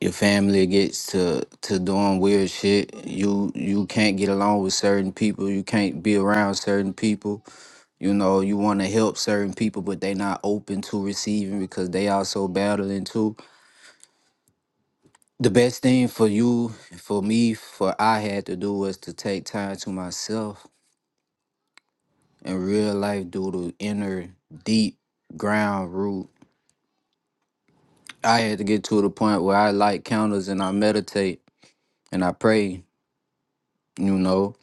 N: your family gets to to doing weird shit. You you can't get along with certain people. You can't be around certain people. You know you want to help certain people, but they not open to receiving because they also battling too. The best thing for you, for me, for I had to do was to take time to myself and real life do the inner deep ground root. I had to get to the point where I light counters and I meditate and I pray, you know.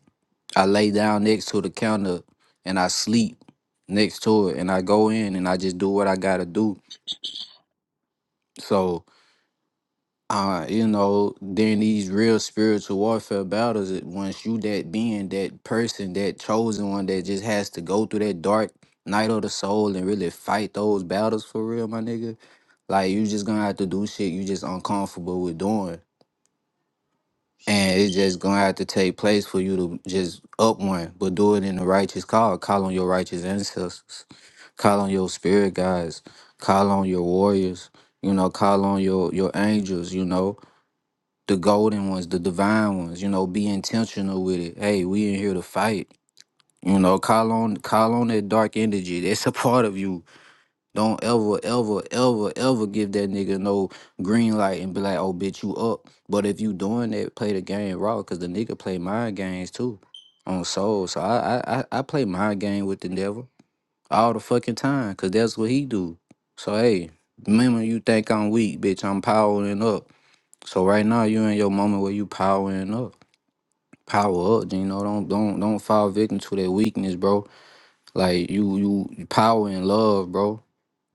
N: I lay down next to the counter and I sleep next to it and I go in and I just do what I gotta do. So uh, you know, during these real spiritual warfare battles, it- once you that being, that person, that chosen one that just has to go through that dark night of the soul and really fight those battles for real, my nigga. Like you just gonna have to do shit you just uncomfortable with doing. And it's just gonna have to take place for you to just up one, but do it in the righteous call. Call on your righteous ancestors. Call on your spirit guides. Call on your warriors. You know, call on your your angels. You know, the golden ones, the divine ones. You know, be intentional with it. Hey, we in here to fight. You know, call on call on that dark energy. That's a part of you. Don't ever, ever, ever, ever give that nigga no green light and be like, oh bitch, you up. But if you doing that, play the game raw, cause the nigga play mind games too. On soul. So I I I I play mind game with the devil all the fucking time, cause that's what he do. So hey, remember you think I'm weak, bitch, I'm powering up. So right now you in your moment where you powering up. Power up, you know. Don't don't don't fall victim to that weakness, bro. Like you you you power and love, bro.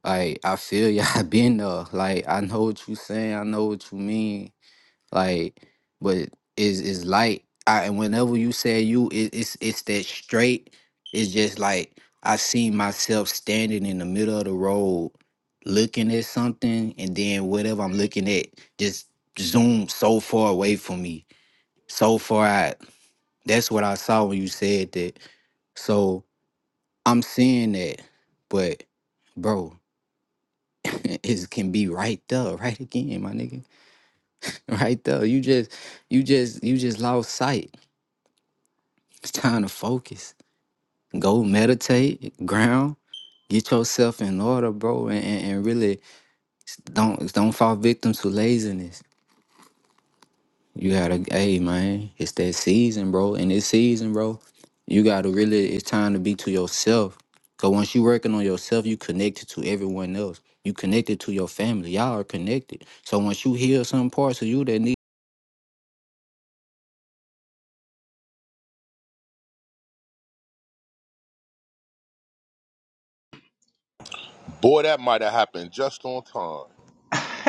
N: Like I feel you. [LAUGHS] I been there. Like I know what you saying. I know what you mean. Like, but is is light. I, and whenever you say you, it, it's it's that straight. It's just like I see myself standing in the middle of the road, looking at something, and then whatever I'm looking at just zoom so far away from me, so far out. That's what I saw when you said that. So I'm seeing that, but bro, [LAUGHS] it can be right there, right again, my nigga, [LAUGHS] right there. You just, you just, you just lost sight It's time to focus. Go meditate, ground, get yourself in order, bro, and, and, and really don't don't fall victim to laziness. You gotta, hey man, it's that season, bro. And this season, bro, you gotta really. It's time to be to yourself. Cause once you working on yourself, you connected to everyone else. You connected to your family. Y'all are connected. So once you heal some parts of you that need,
J: Boy, that might have happened just on time.
M: [LAUGHS]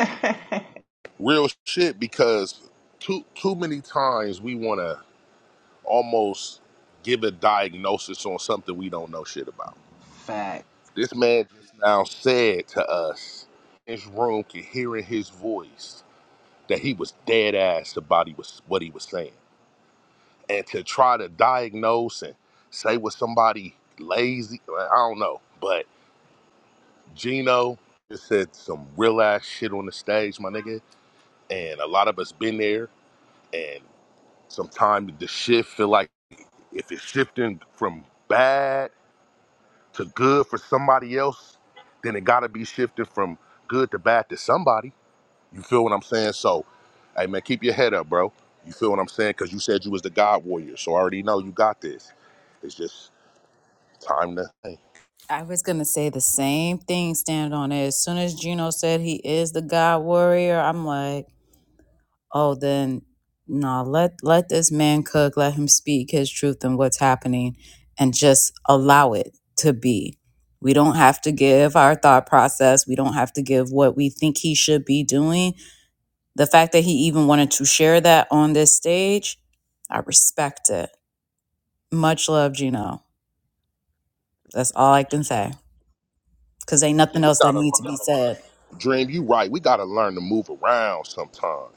J: Real shit because too too many times we want to almost give a diagnosis on something we don't know shit about. This man just now said to us, his room could hear in his voice that he was dead ass about he was what he was saying. And to try to diagnose and say was somebody lazy, I don't know. But Gino just said some real ass shit on the stage, my nigga. And a lot of us been there and sometimes the shit feel like if it's shifting from bad to good for somebody else, then it gotta be shifted from good to bad to somebody. You feel what I'm saying? So, hey man, keep your head up, bro. You feel what I'm saying? Cause you said you was the God warrior, so I already know you got this. It's just time to hey,
A: I was gonna say the same thing, stand on it. As soon as Gino said he is the God warrior, I'm like, oh then no, let let this man cook, let him speak his truth and what's happening and just allow it to be. We don't have to give our thought process. We don't have to give what we think he should be doing. The fact that he even wanted to share that on this stage, I respect it. Much love, Gino. That's all I can say. Cause ain't
J: yeah,
A: nothing
J: we
A: else that
J: gotta learn.
A: needs to be said.
J: Dream, you right. We gotta learn to move around sometime.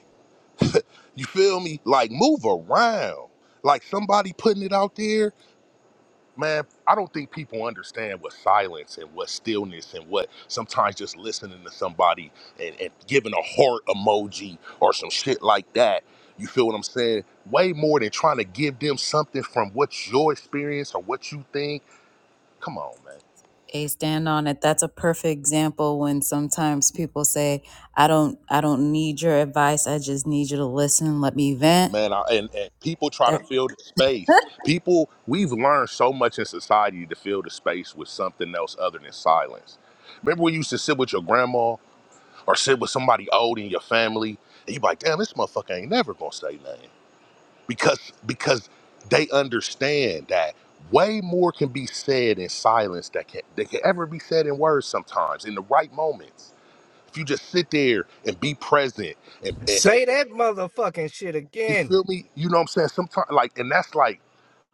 J: You feel me? Like move around. Like somebody putting it out there man, I don't think people understand what silence and what stillness and what sometimes just listening to somebody and, and giving a heart emoji or some shit like that. You feel what I'm saying? Way more than trying to give them something from what's your experience or what you think. Come on, man.
A: a stand on it that's a perfect example when sometimes people say i don't i don't need your advice i just need you to listen let me vent
J: Man, I, and, and people try to
A: that
J: fill the space.
A: [LAUGHS]
J: People, we've learned so much in society to fill the space with something else other than silence. Remember, we used to sit with your grandma or sit with somebody old in your family and you be like, damn, this motherfucker ain't never gonna say nothing. Because because they understand that way more can be said in silence that can that can ever be said in words sometimes in the right moments. If you just sit there and be present and, and, and
C: Say that motherfucking shit
J: you
C: again.
J: feel me, you know what I'm saying? Sometimes like and that's like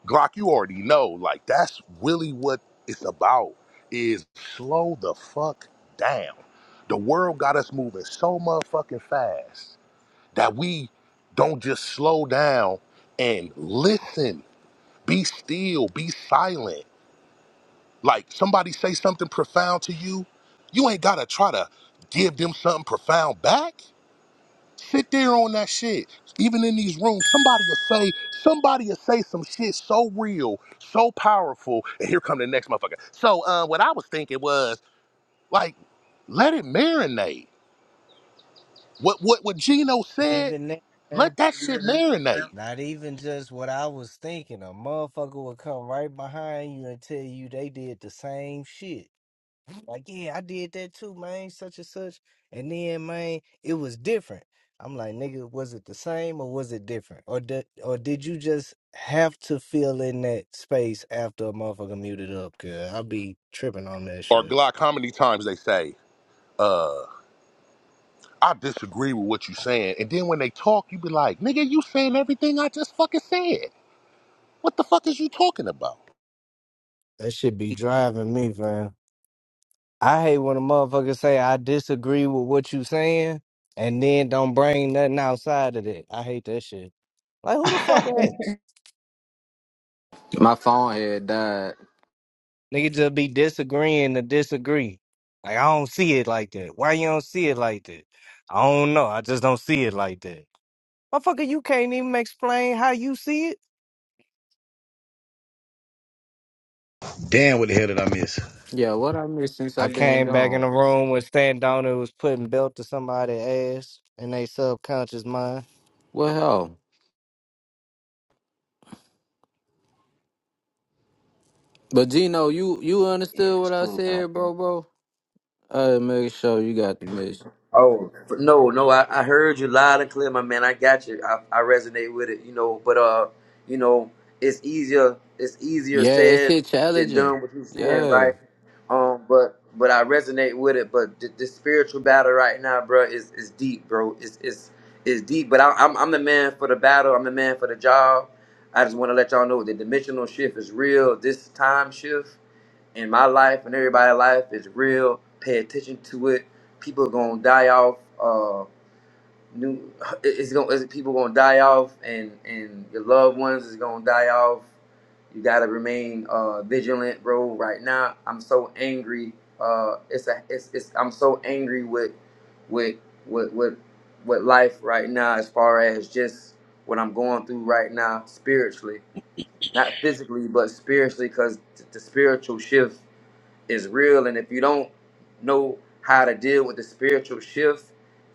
J: Glock, you already know, like that's really what it's about is slow the fuck down. The world got us moving so motherfucking fast that we don't just slow down and listen, be still, be silent. Like somebody say something profound to you, you ain't gotta try to give them something profound back. Sit there on that shit. Even in these rooms, somebody will say, somebody will say some shit so real, so powerful. And here come the next motherfucker. So uh, what I was thinking was like, let it marinate. What what what Gino
C: Not
J: said,
C: even that,
J: let
C: fam.
J: that shit marinate.
C: Not even just what I was thinking. A motherfucker would come right behind you and tell you they did the same shit. Like, yeah, I did that too, man, such and such. And then, man, it was different. I'm like, nigga, was it the same or was it different? Or did, or did you just have to fill in that space after a motherfucker muted up? Cause I'll be tripping on that
J: or
C: shit.
J: Glock, how many times they say, I disagree with what you saying. And then when they talk, you be like, nigga, you saying everything I just fucking said. What the fuck is you talking about?
C: That should be driving me, fam. I hate when a motherfucker say I disagree with what you saying and then don't bring nothing outside of it. I hate that shit. Like who the fuck
M: yeah,
C: hates?
N: my phone had died.
C: Nigga just be disagreeing to disagree. Like I don't see it like that. Why you don't see it like that? I don't know. I just don't see it like that. Motherfucker, you can't even explain how you see it.
B: Damn, what the hell did I miss?
N: Yeah, what I missed since i
C: I
N: been
C: came back in
N: gone.
C: the room when Stan Donner was putting belt to somebody's ass in their subconscious mind.
N: What hell? But Gino, you you
M: if
N: understood
M: it's
N: what I
M: cool, can I
N: said,
M: hear?
N: bro, bro. I make sure you got the message.
H: Oh f- no, no! I, I heard you loud and clear, my man. I got you. I, I resonate with it, you know. But uh, you know, it's easier it's easier
N: Yeah, it's
H: said
N: shit
H: than
N: challenging.
H: done. What you're saying,
N: Yeah.
H: right? Um, but but I resonate with it. But th- this spiritual battle right now, bro, is is deep, bro. It's it's it's deep. But I, I'm I'm the man for the battle. I'm the man for the job. I just want to let y'all know the dimensional shift is real. This time shift in my life and everybody's life is real. Pay attention to it. People gonna die off. Uh, new [LAUGHS] it- it's gonna it's, people gonna die off, and and your loved ones is gonna die off. You gotta remain uh, vigilant, bro. Right now, I'm so angry. Uh, it's a it's, it's I'm so angry with with with with with life right now, as far as just what I'm going through right now spiritually, not physically, but spiritually, because the spiritual shift is real. And if you don't know how to deal with the spiritual shift,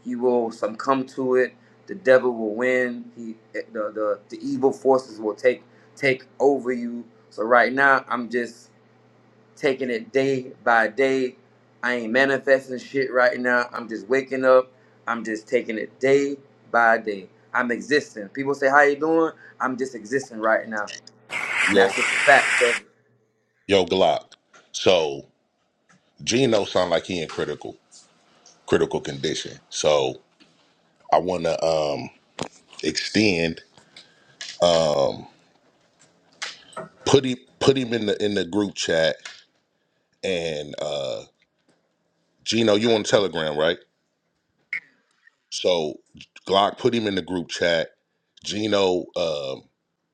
H: you will succumb to it. The devil will win. He, eh, the, the, the evil forces will take take over you. So right now, I'm just taking it day by day. I ain't manifesting shit right now. I'm just waking up. I'm just taking it day by day. I'm existing. People say, "How you doing?" I'm just existing right now, and
J: Yo,
H: that's just a fact. So
J: yo, Glock. So Gino sound like he in critical critical condition. So I wanna um extend, put him put him in the in the group chat and uh Gino, you on Telegram, right? So Glock put him in the group chat. Gino um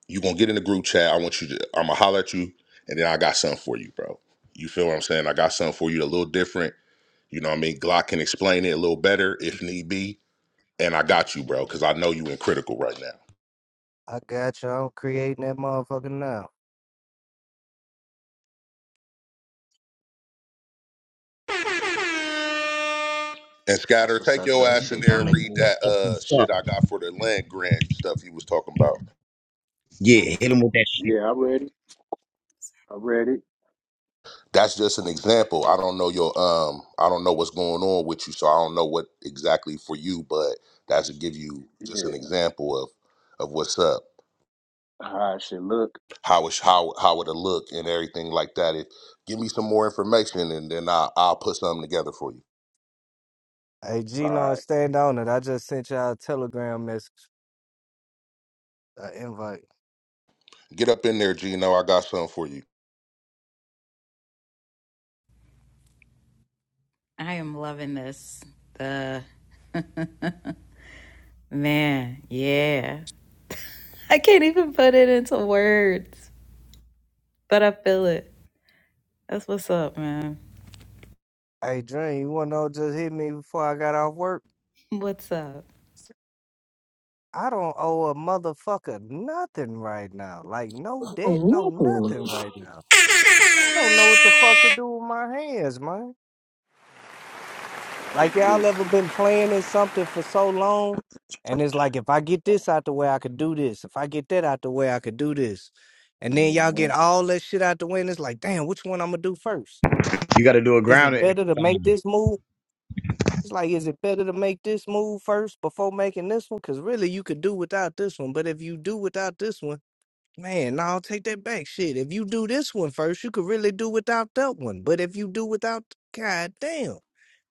J: you gonna get in the group chat. I want you to. I'm gonna holler at you, and then I got something for you, bro. You feel what I'm saying? I got something for you a little different. You know what I mean? Glock can explain it a little better if need be, and I got you, bro, because I know you in critical right now.
C: I got you. I'm creating that motherfucker now.
J: And
M: That's
J: Scatter,
M: what's
J: take
M: up
J: your
M: though. You
J: ass in
M: said y'all
J: there and
M: making
J: read
M: me
J: that uh
B: What's
J: shit
B: up?
J: I got for the land grant stuff you was talking about.
B: Yeah,
A: i'm
B: hit him
A: just
B: with that
L: Yeah, I read it. I read it.
J: That's just an example. I don't know your um I don't know what's going on with you, so I don't know what exactly for you, but that should give you just an
L: Yeah,
J: example of of what's up.
L: how it should look.
J: how it sh- how how it'll look and everything like that. If give me some more information and then I I'll put something together for you.
C: Hey,
L: All
C: Gino,
L: right,
C: stand on it. I just sent y'all a telegram message, an invite.
J: Get up in there, Gino. I got something for you.
A: i am loving this the man yeah i can't even put it into words but i feel it that's what's up man
C: Hey, Dream, you want to know what just hit me before I got off work?
A: what's up
C: I don't owe a motherfucker nothing right now. Like, no debt, no nothing right now. I don't know what the fuck to do with my hands, man.
L: it
C: Like y'all
L: exists.
C: ever been playing at something for so long, and it's like if I get this out the way, I could do this. If I get that out the way, I could do this. And then y'all get
L: hmm
C: all that shit out the way, and it's like, damn, which one I'm gonna do first?
B: You got to do a
C: Is it
B: grounding
C: better to make
B: exercise.
C: this move? It's like, is it better to make this move first before making this one? Because really, you could do without this one. But if you do without this one. Man, no, take that back. Shit, if you do this one first, you could really do without that one. But if you do without, god damn.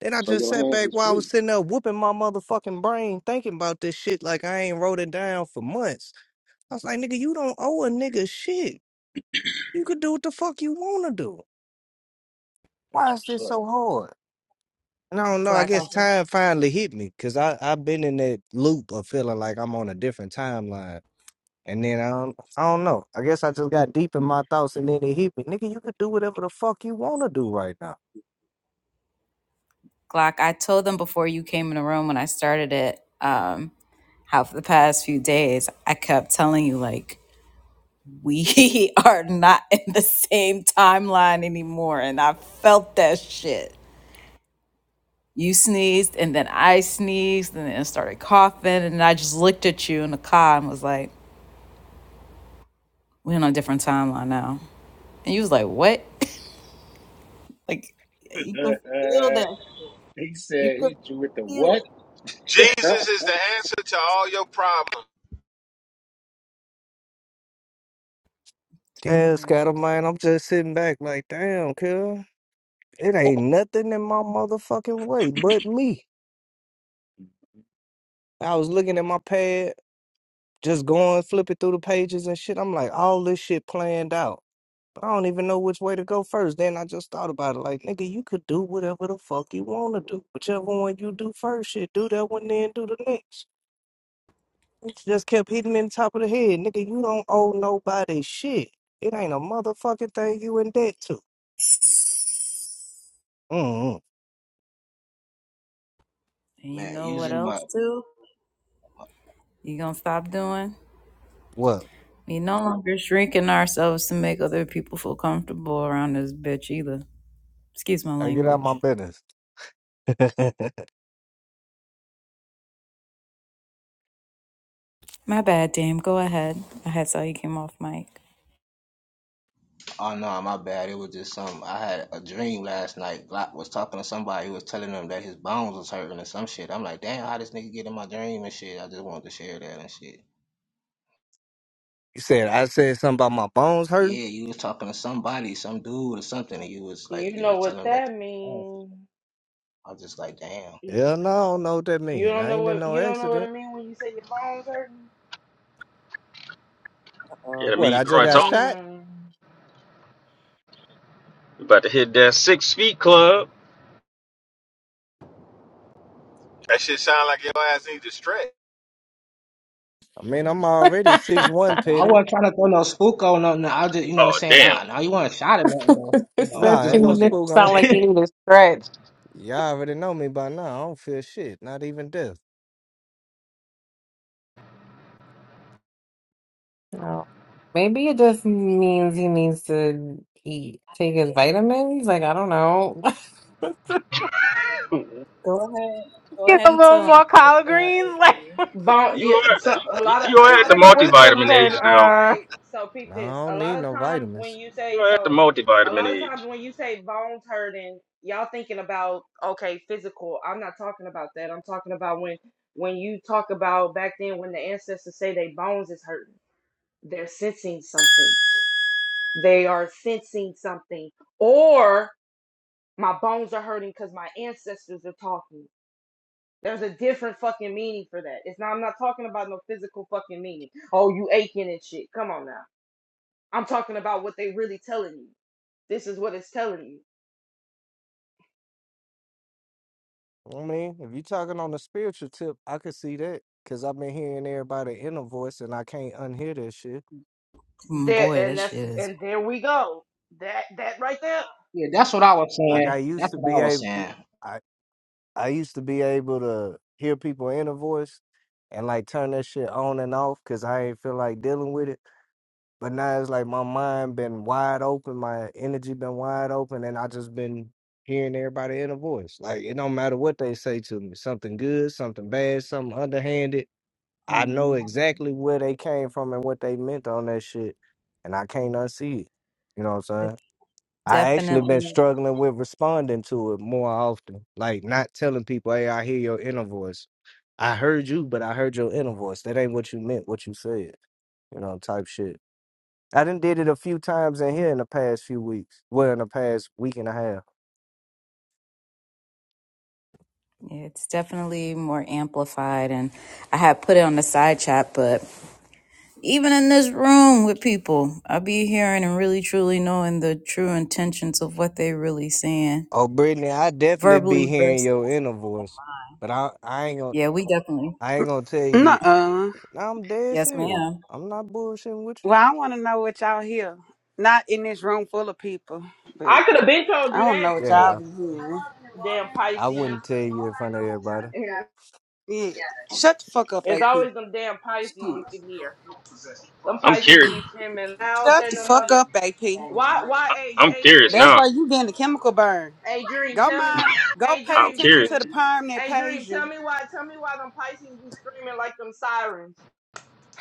C: Then I
L: So
C: just
L: your
C: sat
L: hands
C: back
L: is
C: while I was
L: free.
C: sitting there whooping my motherfucking brain, thinking about this shit like I ain't wrote it down for months. I was like, nigga, you don't owe a nigga shit. You could do what the fuck you want to do.
L: That's
C: Why is this
L: what's
C: so hard? And I don't know. I
A: Glock,
C: guess
A: I,
C: time finally hit me because I've been in that loop of feeling like I'm on a different timeline. And then I don't, I don't know. I guess I just got deep in my thoughts, and then it hit me, nigga. You could do whatever the fuck you wanna do right now.
A: Glock, I told them before you came in the room when I started it, um, how for the past few days I kept telling you like we [LAUGHS] are not in the same timeline anymore. And I felt that shit. You sneezed, and then I sneezed, and then started coughing. And I just looked at you in the car and was like, we're on a different timeline now. And you was like, what? [LAUGHS] like,
L: up.
A: you could feel that.
L: [LAUGHS] he
A: You
L: said,
A: could
L: "Hit you with the
A: feel
L: what?"
A: it.
O: Jesus
L: [LAUGHS]
O: is the answer to all your problems.
A: Oh
C: Damn,
A: yeah.
C: scatterman. I'm just sitting back like, damn, kill. It ain't nothing in my motherfucking way but me. I was looking at my pad, just going flipping through the pages and shit. I'm like, all this shit planned out, but I don't even know which way to go first. Then I just thought about it, like, nigga, you could do whatever the fuck you wanna do. Whichever one you do first, shit, do that one, then do the next. Just kept hitting in the top of the head. Nigga, you don't owe nobody shit. It ain't a motherfucking thing you in debt to. Mm-hmm.
A: And you
M: man,
A: know what
M: using my
A: else, too? You gonna stop doing?
C: What?
A: We no longer shrinking ourselves to make other people feel comfortable around this bitch either. Excuse my
C: I get out
A: language.
C: my business. [LAUGHS]
A: My bad, damn. Go ahead. I had saw you came off mic.
M: oh no, my bad. It was just some I had a dream last night. Glock was talking to somebody who was telling them that his bones was hurting or some shit. I'm like, damn, how this nigga get in my dream and shit. I just wanted to share that and shit.
C: you said I said something about my bones hurting?
M: Yeah, you was talking to somebody, some dude or something, and you was like,
F: You
M: you was
F: know what
M: telling them that.
F: that
M: you was fast.
F: means.
M: I was just like, damn.
F: You
C: Hell no, I don't know what that mean.
F: don't
C: I
F: know
C: ain't in
F: what
C: no
F: you don't know what it
C: accident.
F: means when you say your bones
P: Yeah, I
C: What,
P: mean, you
C: I just
P: growing
C: got
P: tall.
C: shot?
F: hurting. Mm.
P: You about to hit that six feet club.
O: That shit sound like your ass need to stretch.
C: I mean, I'm
Q: [LAUGHS]
C: already six
Q: that
C: one
M: No, I
C: petty.
M: wasn't trying to throw no spook on nothing. I just, you know, what I'm
P: Oh,
M: saying,
P: damn.
M: ah, now you want a shot at nothing though. You know, I
C: Nah,
M: just
C: ain't no
Q: thing
M: wanted.
Q: that
C: spook
Q: sound
C: on it.
Q: like
M: To...
Q: you need a stretch.
C: Y'all already know me by now. I don't feel shit, not even death.
Q: Oh, maybe it just means he needs to eat, take his vitamins. Like I don't know. [LAUGHS]
P: [LAUGHS]
A: Go ahead. Go
Q: Get
A: ahead
Q: a
A: and
Q: little
A: tell them.
Q: more collard greens. [LAUGHS]
A: Uh,
Q: Like
F: Bone,
P: You
F: yeah,
P: are
F: so a
P: you,
F: lot of
P: you
F: a
P: are at
F: lot
P: the
F: of
Q: this nigga
F: time, a
Q: wisdom
P: multivitamin
F: lot of
Q: said.
P: age
F: times,
P: now.
Q: Uh,
F: like so, peep this.
C: Nah, I
F: A
C: don't
F: lot
C: need
F: of
C: no
F: times when
C: vitamins.
F: you
P: You
F: say
P: are at the
F: so, a
P: multivitamin
F: lot of times
P: age.
F: when you say bones hurting, y'all thinking about okay, physical. I'm not talking about that. I'm talking about when when you talk about back then when the ancestors say they bones is hurting, they're sensing something. They are sensing something, or my bones are hurting because my ancestors are talking there's a different fucking meaning for that. It's not. I'm not talking about no physical fucking meaning. Oh, you aching and shit. Come on now. I'm talking about what they really telling you. This is what it's telling you.
C: I mean, if you talking on the spiritual tip, I could see that because I've been hearing everybody inner voice, and I can't unhear that shit.
A: Mm,
F: There
A: Boy, that
F: and that's
A: shit is.
F: and there we go. That that right there.
M: [LAUGHS] yeah, that's what I was
C: Like I
M: saying.
C: used
M: That's
C: to
M: what
C: be
M: I was
C: able,
M: saying.
C: I I used to be able to hear people inner voice, and like turn that shit on and off because I ain't feel like dealing with it. But now it's like my mind been wide open, my energy been wide open, and I just been hearing everybody inner voice. Like it don't matter what they say to me, something good, something bad, something underhanded. I know
A: Mm,
C: exactly where they came from and what they meant on that shit, and I can't unsee it. You know what I'm
A: it's
C: saying? I actually been
A: definitely,
C: struggling with responding to it more often, like not telling people, "Hey, I hear your inner voice. I heard you, but I heard your inner voice. That ain't what you meant. What you said, you know, type shit." I done did it a few times in here in the past few weeks. Well, in the past week and a half.
A: yeah, it's definitely more amplified, and I had put it on the side chat. But even in this room with people, I be hearing and really truly knowing the true intentions of what they really saying
C: Oh, Brittany, I definitely be
A: verbally
C: hearing
A: versus.
C: your inner voice, but I, I ain't gonna,
A: Yeah, we definitely.
C: I ain't gonna tell you
K: Nuh-uh.
C: Now I'm dead
A: Yes,
C: serious.
A: ma'am.
C: I'm not bullshitting with
K: Well, I wanna know what y'all hear. Not in this room full of people, but
F: I could have been told
K: I
F: you
K: don't
F: that
K: know what
C: you.
K: y'all
F: shit.
C: Yeah,
K: be hearing.
F: Damn
C: I, I
F: Pisces.
C: wouldn't tell you in front of everybody.
K: Yeah. Shut the fuck up,
F: It's
K: AP.
F: always them damn Pisces you
K: Shit.
F: can hear. Them
P: I'm
F: Pisces
P: curious.
F: be screaming loud
K: Shut
F: than
K: the
F: the
K: fuck
F: mother.
K: up, AP.
F: Why? Why?
P: I-
F: a
P: I'm
F: a
P: curious
K: That's
F: dream.
P: now.
K: why you getting the chemical burn.
F: A dream.
K: Go
F: Tell me.
K: mind go
F: A
K: pay
P: I'm
F: dream,
K: attention
P: curious.
K: to
F: dream.
K: the perm that
F: Hey,
K: pays
F: Dream, tell
K: you.
F: me why. Tell me why them Pisces be screaming like them sirens.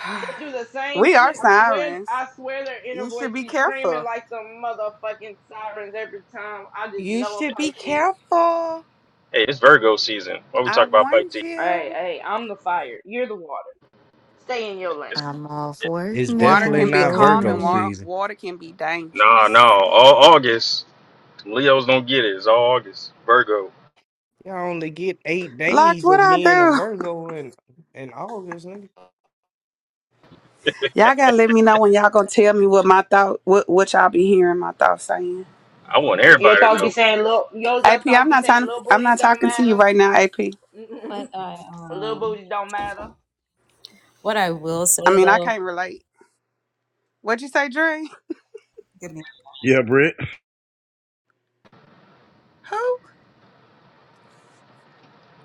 K: [SIGHS]
F: They do the same
K: we are
F: shit. I swear.
K: sirens.
F: I swear their inner
K: You should
F: voice
K: be
F: be screaming
K: careful.
F: like them motherfucking sirens every time. I just
K: You
F: know
K: should
F: a
K: be
F: Pisces.
K: careful.
P: Hey, it's Virgo season. Why we
K: I
P: talk about Pisces?
K: warned
F: Hey,
K: you.
F: hey, I'm the fire. You're the water. Stay in your lane.
P: It's,
G: I'm off
P: it,
G: work
C: It's
K: Water
G: now.
C: definitely
K: can be
C: not
G: Go
K: calm
C: Virgo
K: and
G: me.
K: wa-
C: season.
K: water can be
P: nah,
K: dangerous.
P: nah. All August. Leos don't get it. It's all August. Virgo.
C: You only get eight
K: Locked,
C: days
K: what
C: of
K: I
C: being a
K: do?
C: Virgo in in August, nigga.
K: [LAUGHS] Y'all gotta let me know when y'all gonna tell me what my thought, what, what y'all be hearing my thoughts saying.
P: I want
F: Your
P: everybody to
F: thoughts be
P: know.
F: saying little. Your
K: AP,
F: your thoughts
K: I'm
F: be
K: not
F: saying
K: talking.
F: little
K: I'm
F: booties
K: not talking to you right
F: don't
K: now, AP.
A: But
F: matter.
A: I
F: [LAUGHS] little
A: um,
F: booties don't matter.
A: what I will say
K: I mean, I can't
A: though.
K: relate. What'd you say, Dre?
B: Yeah, Britt.
K: [LAUGHS] Who?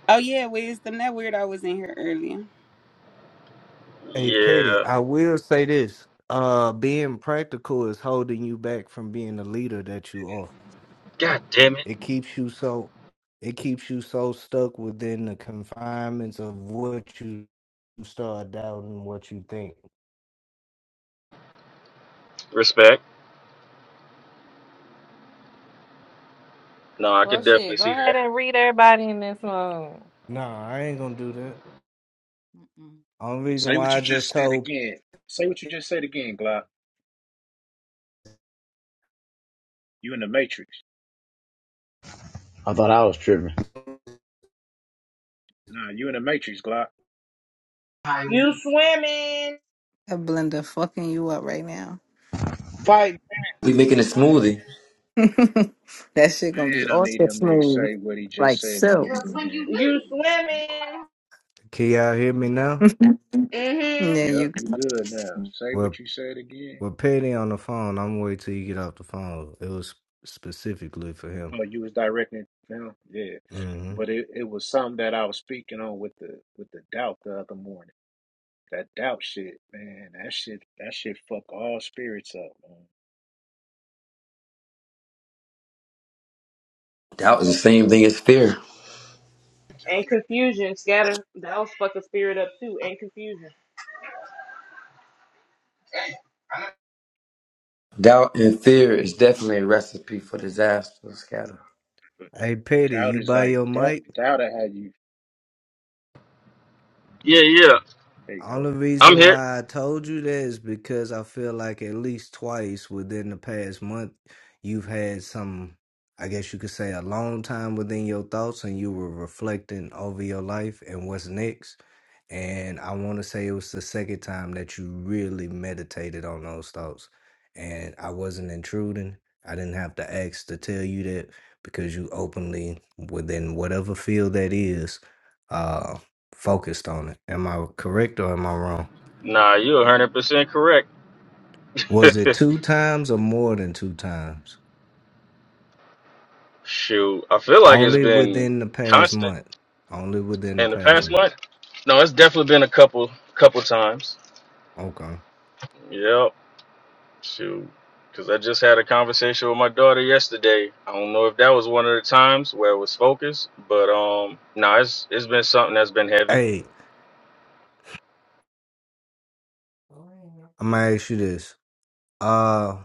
K: Oh yeah, wisdom. That weirdo was in here earlier.
C: Hey Petty,
P: Yeah.
C: I will say this. Uh being practical is holding you back from being the leader that you are.
P: God damn it.
C: It keeps you so it keeps you so stuck within the confinements of what you start doubting what you think.
P: Respect. No, I
Q: well,
P: could definitely
Q: shit. Go
P: see that.
Q: ahead and read everybody in this room.
C: Nah, I ain't gonna do that. Only reason
L: Say what
C: why
L: you
C: I
L: just
C: just
L: said
C: told
L: again. Say what you just said again, Glock. You in the Matrix?
B: I thought I was tripping.
L: Nah, you in the Matrix, Glock.
F: You swimming.
G: That blender fucking you up right now.
B: Fight.
H: we making a smoothie.
G: [LAUGHS] that shit gonna be
L: Man, I need
G: awesome
L: him to
G: smooth,
L: say what he just
G: like
L: said
G: silk.
L: again,
F: When you
L: man.
F: you swimming.
C: Can y'all hear me now?
F: Mm-hmm.
G: Yeah,
L: Yep,
G: you.
L: you good now. Say what
C: Well
L: you said again.
C: well Petty on the phone. I'm wait till you get off the phone. It was specifically for him.
L: Oh, you was directing it to him? Yeah.
C: hmm
L: But it, it was something that I was speaking on with the with the doubt the other morning. That doubt shit, man, that shit that shit fuck all spirits up, man.
H: Doubt is the same thing as fear.
F: and confusion scatter those fucking spirit up too and confusion
H: Doubt and fear is definitely a recipe for disaster, scatter.
C: Hey Petty,
L: Doubt
C: you
L: is
C: buy
L: like
C: your
L: that
C: mic?
L: doubt I had you
P: Yeah, yeah.
L: there you go.
C: Only
P: I'm
C: reason
P: here.
C: why I told you that is because I feel like at least twice within the past month, you've had some, I guess you could say, a long time within your thoughts and you were reflecting over your life and what's next. And I want to say it was the second time that you really meditated on those thoughts. And I wasn't intruding. I didn't have to ask to tell you that because you openly, within whatever field that is, uh, focused on it. Am I correct or am I wrong?
P: Nah, you're 100% correct.
C: Was it
P: [LAUGHS]
C: two times or more than two times?
P: Shoot, I feel like it's
C: Only
P: been
C: within the past
P: constant
C: month. Only within the
P: in the
C: past
P: past
C: month.
P: month. No, it's definitely been a couple couple times.
C: Okay.
P: Yep. Shoot. Cause I just had a conversation with my daughter yesterday. I don't know if that was one of the times where it was focused, but um, no, it's it's been something that's been heavy.
C: Hey, I'm gonna ask you this. Uh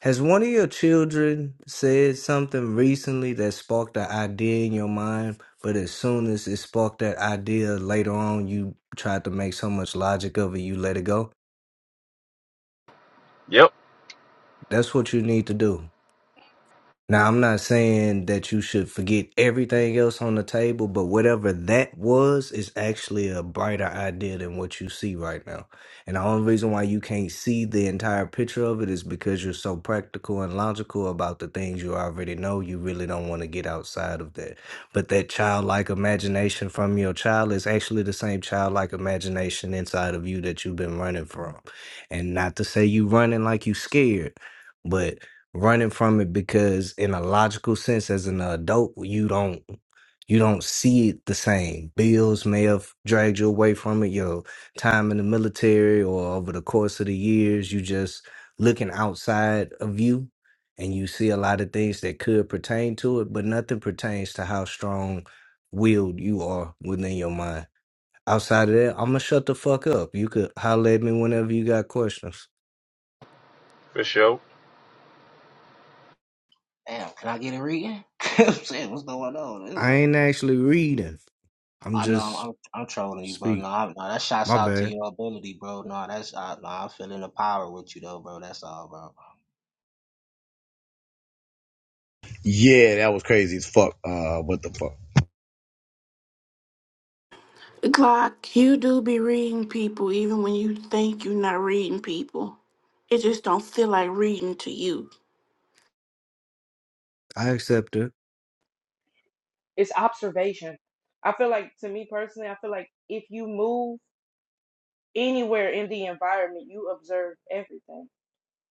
C: has one of your children said something recently that sparked an idea in your mind, but as soon as it sparked that idea later on, you tried to make so much logic of it, you let it go?
P: Yep,
C: That's what you need to do. Now, I'm not saying that you should forget everything else on the table, but whatever that was is actually a brighter idea than what you see right now. And the only reason why you can't see the entire picture of it is because you're so practical and logical about the things you already know. You really don't want to get outside of that. But that childlike imagination from your child is actually the same childlike imagination inside of you that you've been running from. And not to say you running like you scared, but running from it because in a logical sense as an adult you don't you don't see it the same bills may have dragged you away from it your time in the military or over the course of the years you just looking outside of you and you see a lot of things that could pertain to it but nothing pertains to how strong willed you are within your mind outside of that i'm gonna shut the fuck up you could holler at me whenever you got questions
P: for sure.
M: Damn, can I get a reading? [LAUGHS] I'm saying, what's going on? This
C: i
M: one-
C: ain't actually reading i'm
M: I know I'm,
C: just
M: I'm I'm trolling you, bro.
C: Speak.
M: No, I, no, that shouts
C: My
M: out to
C: bad.
M: your ability, bro. No, that's, uh, no, I'm feeling the power with you though, bro. That's all, bro.
B: Yeah, that was crazy as fuck. Uh, what the fuck?
D: Glock, you do be reading people even when you think you're not reading people. It just don't feel like reading to you.
C: I accept it.
F: it's observation i feel like to me personally i feel like if you move anywhere in the environment you observe everything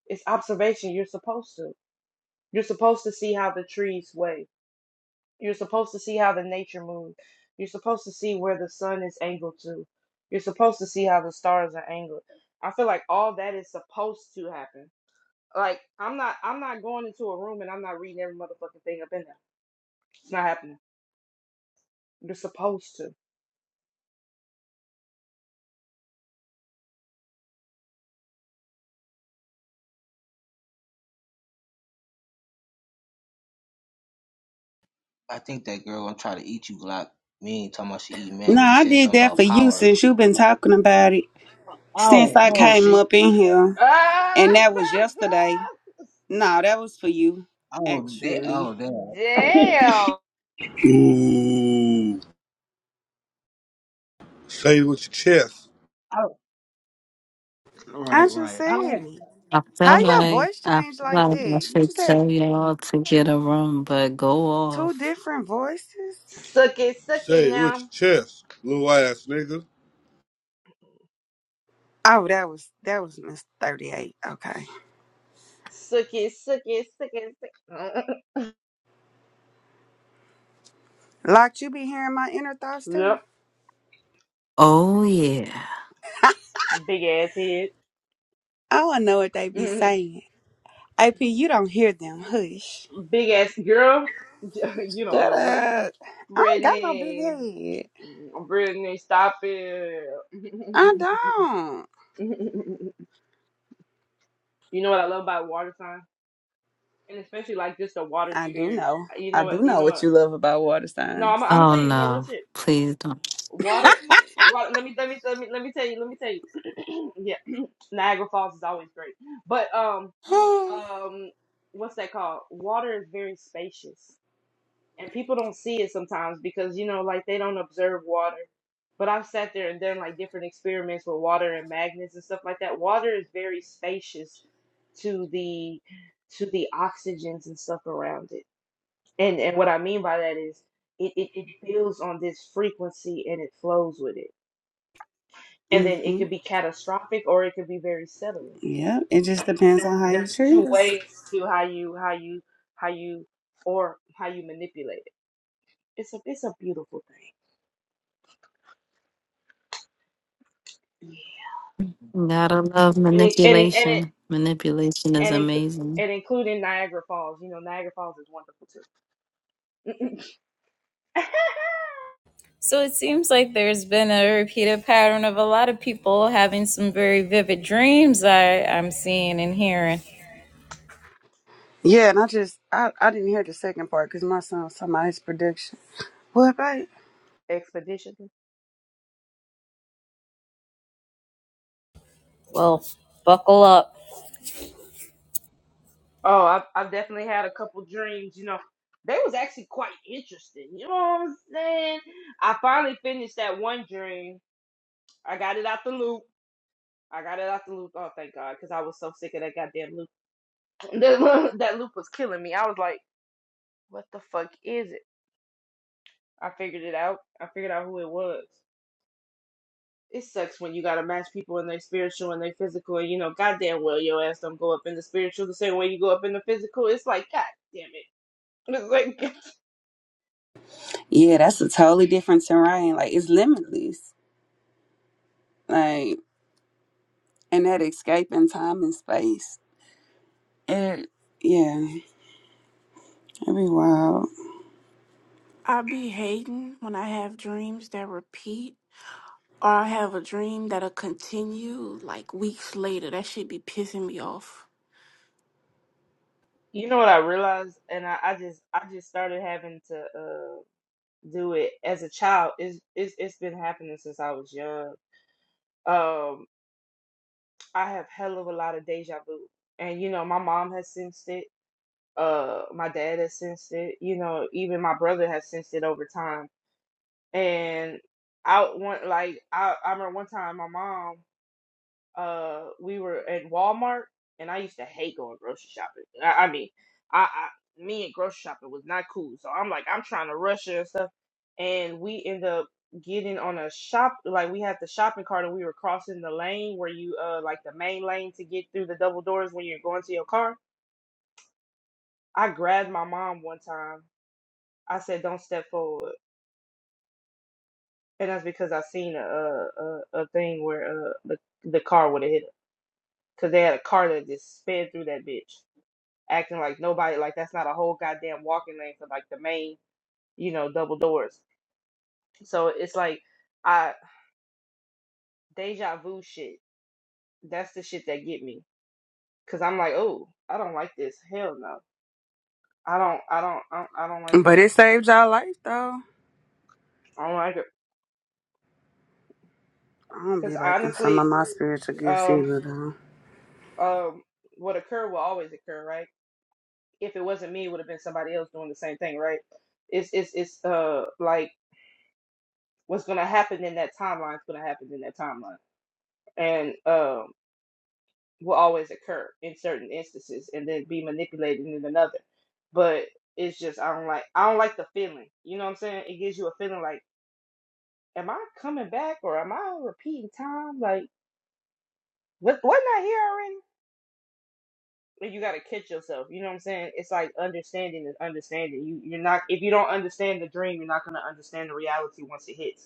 F: it's observation you're supposed to you're supposed to see how the trees wave you're supposed to see how the nature moves you're supposed to see where the sun is angled to you're supposed to see how the stars are angled i feel like all that is supposed to happen like i'm not i'm not going into a room and i'm not reading every motherfucking thing up in there It's not happening. They're supposed to.
M: I think that girl gonna try to eat you, Glock. Me ain't talking about she eat man
K: No,
M: when you
K: I
M: said
K: did
M: something
K: that for
M: about
K: you
M: power.
K: since you've been talking about it since
M: Oh,
K: I
M: oh
K: came
M: shit.
K: up in here,
F: Ah!
K: and that was yesterday. No, that was for you,
M: Oh, they,
K: actually.
M: oh
F: [LAUGHS]
M: damn.
F: Damn.
R: Ooh, say it with your chest.
M: [LAUGHS] oh,
K: I
M: right,
K: just
M: right. I
K: said
M: like
K: it.
G: I feel
K: How your
G: like
K: voice
G: I
K: changed like
G: feel like I
K: that? You
G: should
K: just had
G: tell y'all to get a room, but go
K: two
G: off.
K: different voices.
F: Suck it, suck it
R: Say it with
F: now.
R: your chest, little ass nigga.
K: Oh, that was that was Miss Thirty Eight. Okay,
F: Suck it, suck it, suck it, suck it.
K: locked. You be hearing my inner thoughts
F: [LAUGHS]
K: too.
F: yep.
G: Oh yeah.
F: Big ass head.
K: Oh, I don't know what they be
F: [LAUGHS]
K: saying. AP, you don't hear them. Hush.
F: Big ass girl. [LAUGHS] you don't
K: Shut
F: know what.
K: up. I don't got no big
F: Brittany.
K: head.
F: Brittany, stop it.
K: I
F: [LAUGHS]
K: don't.
F: you know what I love about water signs? And especially like just the water
K: I do
F: spirit.
K: know.
F: You
K: I
F: know what?
K: do
F: You
K: know
F: know
K: what
F: what?
K: you love about water
F: No, I'm,
K: signs.
F: I'm gonna
G: Oh
F: tell you. No, real
G: no.
F: shit.
G: Please don't.
F: Water, water. Let me let me let me let me tell you. Let me tell you. [CLEARS THROAT] yeah, Niagara Falls is always great, but um
K: [SIGHS]
F: um what's that called? Water is very spacious, and people don't see it sometimes because you know like they don't observe water. But I've sat there and done like different experiments with water and magnets and stuff like that. Water is very spacious to the to the oxygens and stuff around it. And and what I mean by that is it, it, it builds on this frequency and it flows with it and then it
K: mm-hmm.
F: could be catastrophic or it could be very settling
K: Yep. It just
F: you
K: depends
F: know
K: on how you
F: there's
K: treat
F: two
K: us.
F: ways to how you how you how you or how you manipulate it it's a it's a beautiful thing
G: Gotta love
F: and it and it and it
G: manipulation. Manipulation is
F: and, it,
G: amazing.
F: and including niagara falls you know niagara falls is wonderful too
A: So it seems like there's been a repeated pattern of a lot of people having some very vivid dreams I, I'm seeing and hearing.
K: Yeah, and I just I, I didn't hear the second part because my son was talking about his prediction. What babe?
F: [LAUGHS] expedition
A: Well, buckle up.
F: oh I've, I've definitely had a couple dreams you know they was actually quite interesting you know what i'm saying i finally finished that one dream i got it out the loop I got it out the loop. Oh, thank God, because I was so sick of that goddamn loop. [LAUGHS] That, loop was killing me. I was like, what the fuck is it? I figured it out. I figured out who it was. It sucks when you gotta match people in their spiritual and their physical, and you know, goddamn well your ass don't go up in the spiritual the same way you go up in the physical. It's like, god damn it. [LAUGHS] It's like,
K: Yeah, that's a totally different terrain. Like it's limitless. Like and that escape in time and space. It yeah, it'd be wild.
D: I be hating when I have dreams that repeat or I have a dream that'll continue like weeks later. That should be pissing me off.
F: you know what I realized, and I, I just, I just started having to uh, do it as a child. It's, it's, it's been happening since I was young. Um, I have hell of a lot of deja vu. And you know, my mom has sensed it. Uh, my dad has sensed it. You know, even my brother has sensed it over time. And I want like I, I remember one time my mom uh we were at Walmart and I used to hate going grocery shopping. I, I mean, I, I me and grocery shopping was not cool. So I'm like I'm trying to rush it and stuff and we end up getting on a shop like we had the shopping cart and we were crossing the lane where you uh like the main lane to get through the double doors when you're going to your car. I grabbed my mom one time. I said don't step forward. And that's because I seen a a, a a thing where uh the the car would have hit her. Cause they had a car that just sped through that bitch. acting like nobody like that's not a whole goddamn walking lane for like the main, you know, double doors. So it's like I deja vu shit. That's the shit that get me because I'm like, oh, I don't like this. Hell no, I don't, I don't, I don't, I don't like
K: But
F: that.
K: it saved y'all life though.
F: I don't like it
K: I don't be
F: because
K: liking some of
F: honestly,
K: my spiritual gifts
F: um,
K: either though.
F: um, what occurred will always occur, right? If it wasn't me, it would have been somebody else doing the same thing, right? It's it's it's uh like what's gonna happen in that timeline is gonna happen in that timeline, and um will always occur in certain instances and then be manipulated in another. But it's just I don't like I don't like the feeling. You know what I'm saying? It gives you a feeling like, am I coming back or am I repeating time? Like what wasn't I here already? But you gotta catch yourself. You know what I'm saying? It's like understanding is understanding. You you're not if you don't understand the dream, you're not gonna understand the reality once it hits.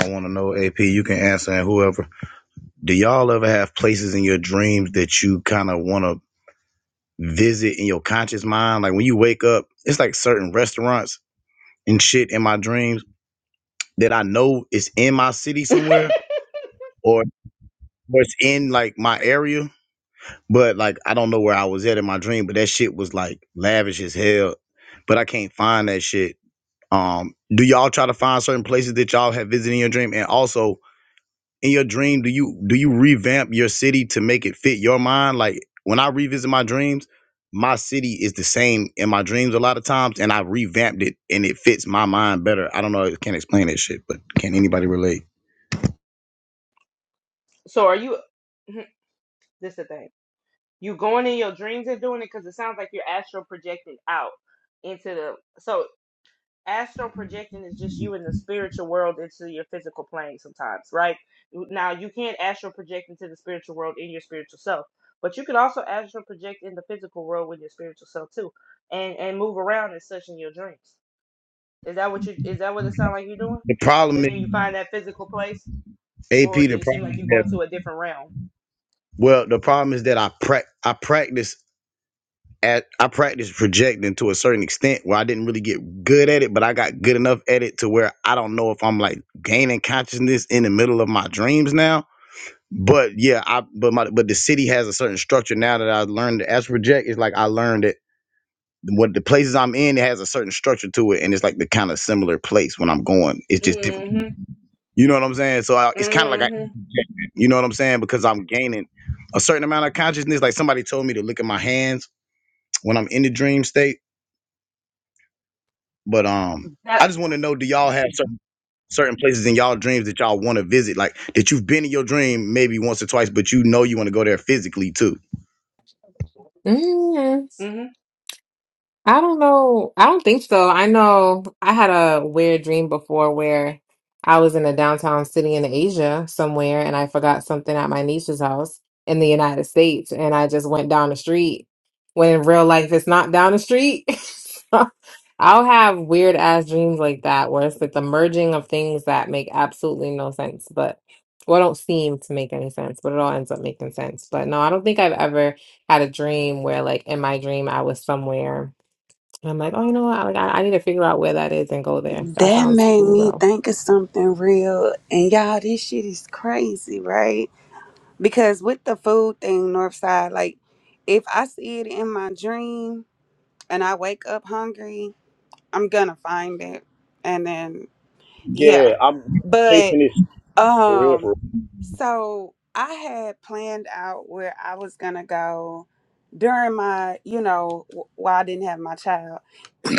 B: I want to know, AP. You can answer and whoever. Do y'all ever have places in your dreams that you kind of want to visit in your conscious mind? Like when you wake up, it's like certain restaurants and shit in my dreams that I know is in my city somewhere or or it's in like my area. But like I don't know where I was at in my dream, but that shit was like lavish as hell. But I can't find that shit Um, do y'all try to find certain places that y'all have visited in your dream? And also in your dream, do you do you revamp your city to make it fit your mind? Like when I revisit my dreams, my city is the same in my dreams a lot of times, and I revamped it and it fits my mind better. I don't know, I can't explain that shit, but can anybody relate?
F: So are you Mhm. this the thing. You going in your dreams and doing it because it sounds like you're astral projecting out into the so astral projecting is just you in the spiritual world into your physical plane sometimes, right? Now you can't astral project into the spiritual world in your spiritual self, but you can also astral project in the physical world with your spiritual self too, and and move around and such in your dreams. Is that what you? Is that what it sounds like you're doing?
B: The problem
F: And
B: is
F: then you find that physical place,
B: AP,
F: or
B: the
F: do you seem
B: problem
F: like
B: is
F: you're going
B: that
F: to a different realm?
B: well, the problem is that I prac I practice at I practiced projecting to a certain extent where I didn't really get good at it, but I got good enough at it to where I don't know if I'm like gaining consciousness in the middle of my dreams now. But yeah, I but my but the city has a certain structure now that I learned as project. It's like I learned it what the places I'm in it has a certain structure to it, and it's like the kind of similar place when I'm going. It's just different.
F: Mm-hmm.
B: You know what I'm saying? So I, it's kind of like I,
F: Mm-hmm.
B: you know what I'm saying because I'm gaining a certain amount of consciousness. Like somebody told me to look at my hands when I'm in the dream state But um, I
F: That.
B: just want to know: Do y'all have certain certain places in y'all dreams that y'all want to visit? Like that you've been in your dream maybe once or twice, but you know you want to go there physically too.
Q: hmm
F: Mm-hmm.
Q: I don't know. I don't think so. I know I had a weird dream before where I was in a downtown city in Asia somewhere and I forgot something at my niece's house in the United States and I just went down the street when in real life it's not down the street. [LAUGHS] So, I'll have weird ass dreams like that where it's like the merging of things that make absolutely no sense, but well, don't seem to make any sense, but it all ends up making sense. But no, I don't think I've ever had a dream where like in my dream I was somewhere and I'm like, oh, you know what? Like, I, I need to figure out where that is and go there. That
K: That
Q: sounds
K: made
Q: cool,
K: me
Q: though.
K: think of something real. And y'all, this shit is crazy, right? Because with the food thing, Northside, like if I see it in my dream and I wake up hungry, I'm gonna find it. And then yeah.
B: Yeah, I'm
K: But
B: chasing this for real, for
K: um
B: real.
K: so I had planned out where I was gonna go during my, you know, w- while I didn't have my child. [COUGHS]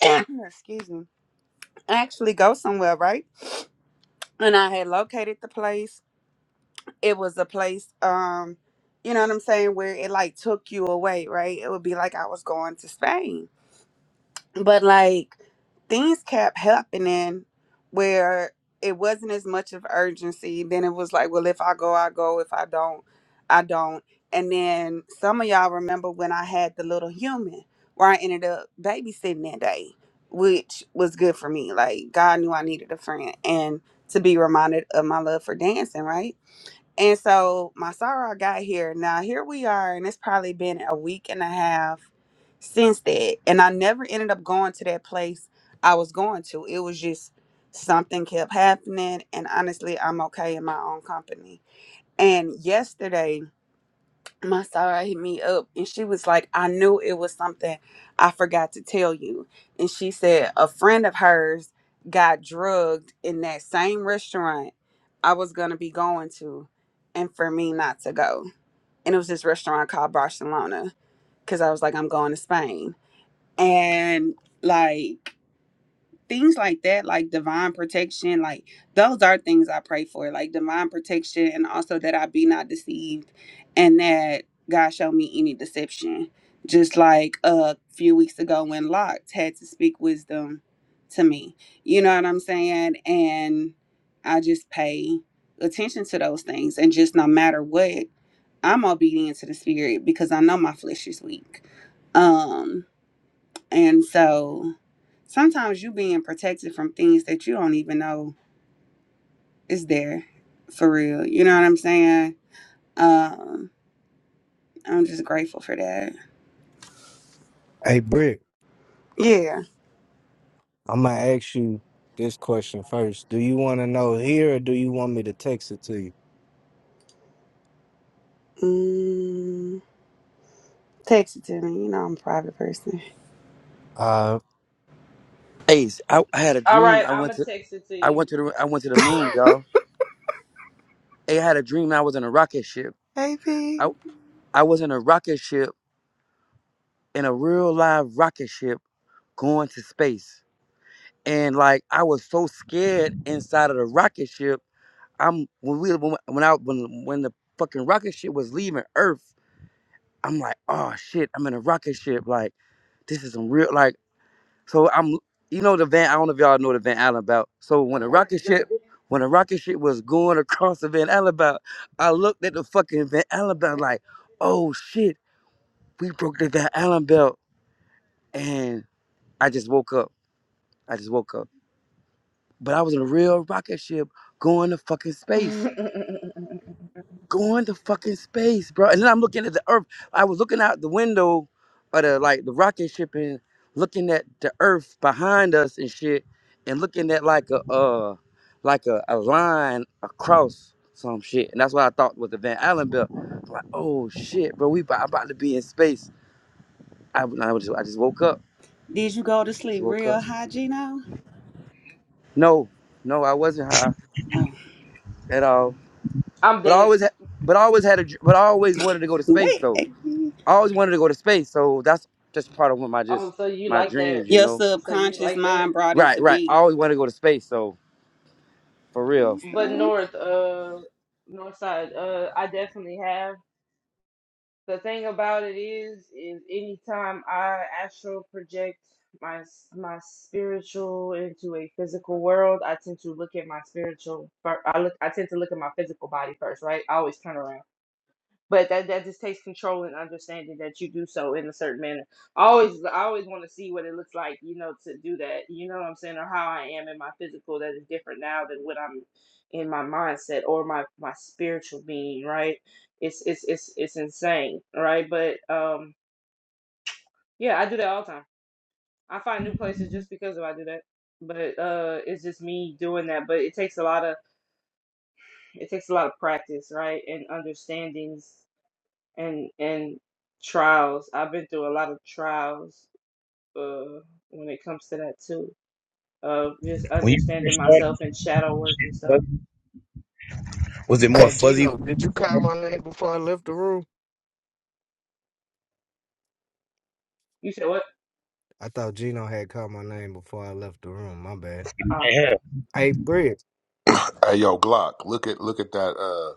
K: Excuse me. Actually go somewhere, right? And I had located the place. It was a place um you know what I'm saying where it like took you away, right? It would be like I was going to Spain. But like things kept happening where it wasn't as much of urgency. Then it was like, well, if I go, I go. If I don't, I don't. And then some of y'all remember when I had the little human where I ended up babysitting that day, which was good for me. Like God knew I needed a friend and to be reminded of my love for dancing, right? And so my sorrow got here. Now here we are, and it's probably been a week and a half since that. And I never ended up going to that place I was going to. It was just something kept happening. And honestly, I'm okay in my own company. And yesterday my soror hit me up and she was like, I knew it was something I forgot to tell you. And she said a friend of hers got drugged in that same restaurant I was gonna be going to and for me not to go. And it was this restaurant called Barcelona because I was like, I'm going to Spain. And like things like that, like divine protection, like those are things I pray for, like divine protection, and also that I be not deceived, and that God show me any deception. Just like a few weeks ago when Locke had to speak wisdom to me, you know what I'm saying? And I just pay attention to those things, and just no matter what, I'm obedient to the spirit because I know my flesh is weak. Um, and so sometimes you being protected from things that you don't even know is there for real. You know what I'm saying? Um, I'm just grateful for that.
C: Hey, Brick,
K: Yeah.
C: I'm going to ask you this question first. Do you want to know here or do you want me to text it to you?
K: Mm, text it to me. You know I'm a private person.
C: Uh,
H: Hey, I, I had a
F: All
H: dream.
F: right,
H: I
F: I'm
H: went
F: gonna
H: to,
F: text it to
H: I
F: you.
H: went to the, I went to the moon, y'all. Hey, I had a dream. I was in a rocket ship.
K: Hey P.
H: I, I was in a rocket ship, in a real live rocket ship, going to space. And like, I was so scared inside of the rocket ship. I'm when we when when I when when the fucking rocket ship was leaving Earth. I'm like, oh shit, I'm in a rocket ship. Like, this is some real like. So I'm, you know, the Van. I don't know if y'all know the Van Allen belt. So when the rocket ship, when the rocket ship was going [LAUGHS] across the Van Allen belt, I looked at the fucking Van Allen belt like, oh shit, we broke the Van Allen belt, and I just woke up. I just woke up. But I was in a real rocket ship going to fucking space.
F: [LAUGHS]
H: going to fucking space, bro. And then I'm looking at the Earth. I was looking out the window of the like the rocket ship and looking at the Earth behind us and shit, and looking at like a uh like a, a line across some shit. And that's what I thought was the Van Allen belt. I'm like, oh shit, bro, we about, about to be in space. I, I was just I just woke up.
K: Did you go to sleep
H: Just woke
K: real
H: up.
K: high, Gino?
H: No, no, I wasn't high
K: Oh,
H: at all.
F: I'm
H: But I
F: dead.
H: always had, but I always had a, dr- but I always wanted to go to space
K: wait.
H: though. I always wanted to go to space, so that's just part of what my
F: Oh,
H: just
F: so you
H: my
F: like that?
H: dreams, you
K: Your
H: know.
F: So you
K: subconscious
F: like that?
K: mind brought it
H: Right,
K: to
H: right. I
K: be.
H: always wanted to go to space, so for real.
K: And
F: But
K: so,
F: north, uh, north side, uh, I definitely have. The thing about it is, is anytime I astral project my s- my spiritual into a physical world, I tend to look at my spiritual. fir- I look, I tend to look at my physical body first, right? I always turn around. But that, that just takes control and understanding that you do so in a certain manner. I always I always want to see what it looks like, you know, to do that. You know what I'm saying, or how I am in my physical that is different now than what I'm in my mindset or my my spiritual being. Right? It's it's it's it's insane, right? But um, yeah, I do that all the time. I find new places just because of I do that. But uh, it's just me doing that. But it takes a lot of it takes a lot of practice, right? And understandings and and trials. I've been through a lot of trials uh, when it comes to that too, of just
B: When you
F: understanding
B: first started,
F: myself and shadow work and stuff.
B: what- was it more
C: hey,
B: fuzzy?
C: Gino, did you call my name before I left the room?
F: You said what?
C: I thought Gino had called my name before I left the room. My bad.
F: Uh,
B: Yeah.
C: Hey, Brick.
J: [CLEARS THROAT] Hey yo, Glock, look at look at that uh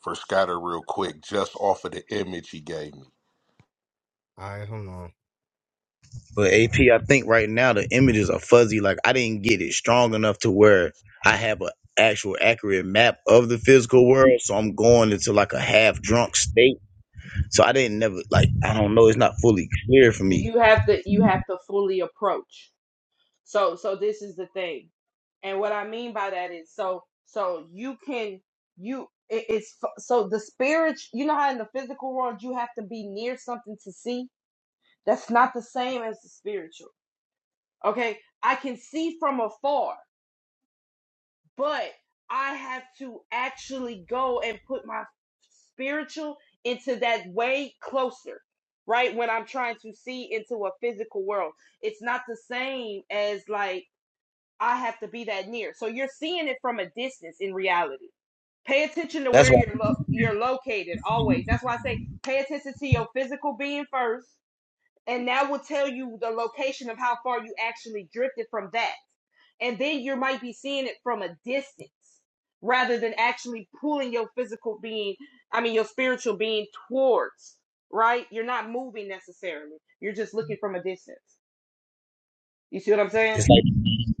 J: for scatter real quick, just off of the image he gave me.
C: All right, hold on.
B: But AP, I think right now the images are fuzzy. Like I didn't get it strong enough to where I have a actual accurate map of the physical world. So I'm going into like a half drunk state. So I didn't never like I don't know. It's not fully clear for me.
F: you have to you have to fully approach. So so this is the thing, and what I mean by that is so so you can you it- it's f- so the spirit. You know how in the physical world you have to be near something to see. That's not the same as the spiritual. Okay, I can see from afar but I have to actually go and put my spiritual into that way closer, right? When I'm trying to see into a physical world, it's not the same as like I have to be that near. So you're seeing it from a distance in reality. Pay attention to
B: That's
F: where
B: why
F: you're lo- you're located always. That's why I say pay attention to your physical being first, and that will tell you the location of how far you actually drifted from that and then you might be seeing it from a distance rather than actually pulling your physical being i mean your spiritual being towards right you're not moving necessarily you're just looking from a distance you see what i'm saying
B: it's like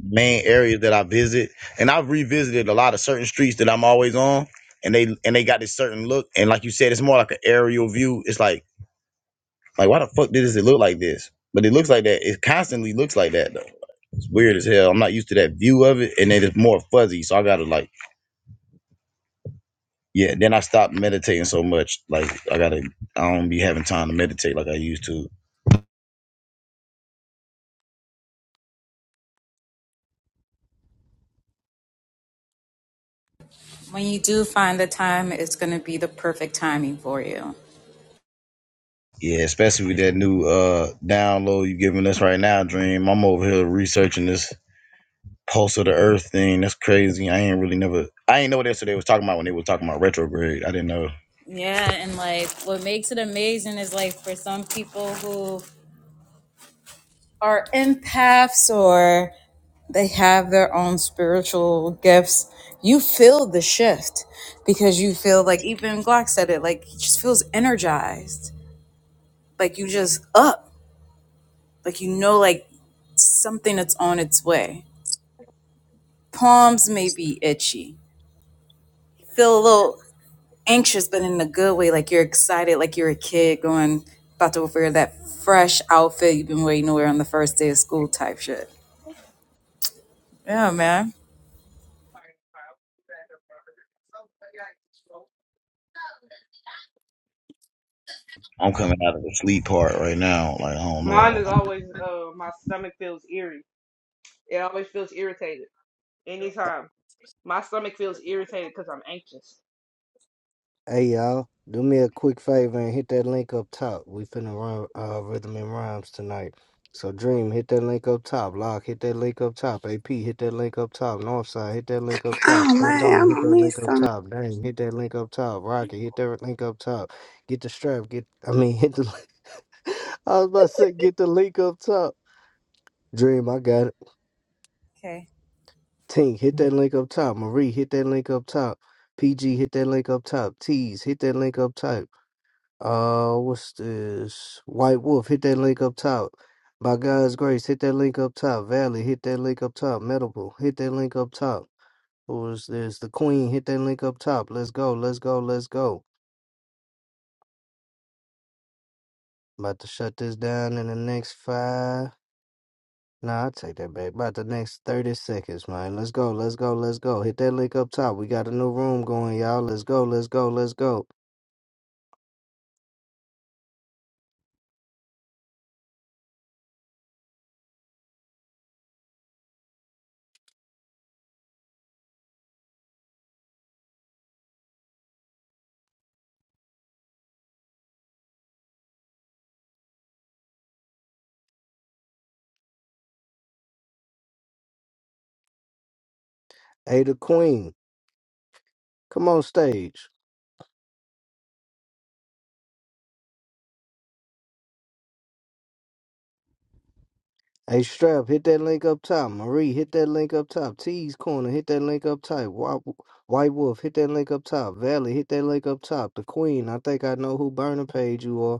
B: main areas that I visit, and I've revisited a lot of certain streets that I'm always on, and they and they got this certain look, and like you said, it's more like an aerial view. It's like like why the fuck does it look like this? But it looks like that. It constantly looks like that though. It's weird as hell. I'm not used to that view of it, and then it's more fuzzy. So I gotta like yeah. Then I stopped meditating so much. Like I gotta I don't be having time to meditate like I used to.
A: When you do find the time, it's going to be the perfect timing for you.
B: Yeah, especially with that new uh download you giving us right now, Dream. I'm over here researching this pulse of the earth thing. That's crazy. I ain't really never I ain't know what yesterday was talking about when they were talking about retrograde. I didn't know.
A: Yeah, and like what makes it amazing is like for some people who are empaths or they have their own spiritual gifts, you feel the shift because you feel like even Glock said it, like he just feels energized like you just up like you know like something that's on its way palms may be itchy feel a little anxious but in a good way like you're excited like you're a kid going about to wear that fresh outfit you've been waiting to wear on the first day of school type shit yeah man
B: I'm coming out of the sleep part right now. Like I don't
F: mine is
B: know.
F: always uh my stomach feels eerie it always feels irritated anytime my stomach feels irritated because i'm anxious
C: Hey y'all, do me a quick favor and hit that link up top. We finna run uh, rhythm and rhymes tonight. So Dream, hit that link up top. Lock, hit that link up top. AP, hit that link up top. Northside, hit that link up top.
K: oh
C: Stand
K: man,
C: on,
K: I'm
C: hit
K: gonna
C: that link
K: miss
C: up top. Dang, hit that link up top. Rocky, hit that link up top. Get the strap. Get, I mean, hit the. [LAUGHS] I was about to say, get the link up top. Dream, I got it.
A: Okay.
C: Tink, hit that link up top. Marie, hit that link up top. PG, hit that link up top. Tease, hit that link up top. Uh, what's this? White Wolf, hit that link up top. By God's grace, hit that link up top. Valley, hit that link up top. Medical, hit that link up top. Who is this? The Queen, hit that link up top. Let's go, let's go, let's go. About to shut this down in the next five. Nah, I take that back. About the next 30 seconds, man. Let's go, let's go, let's go. Hit that link up top. We got a new room going, y'all. Let's go, let's go, let's go. Hey, the Queen, come on stage. Hey, Strap, hit that link up top. Marie, hit that link up top. T's Corner, hit that link up top. Wa- White Wolf, hit that link up top. Valley, hit that link up top. The Queen, I think I know who burner page you are.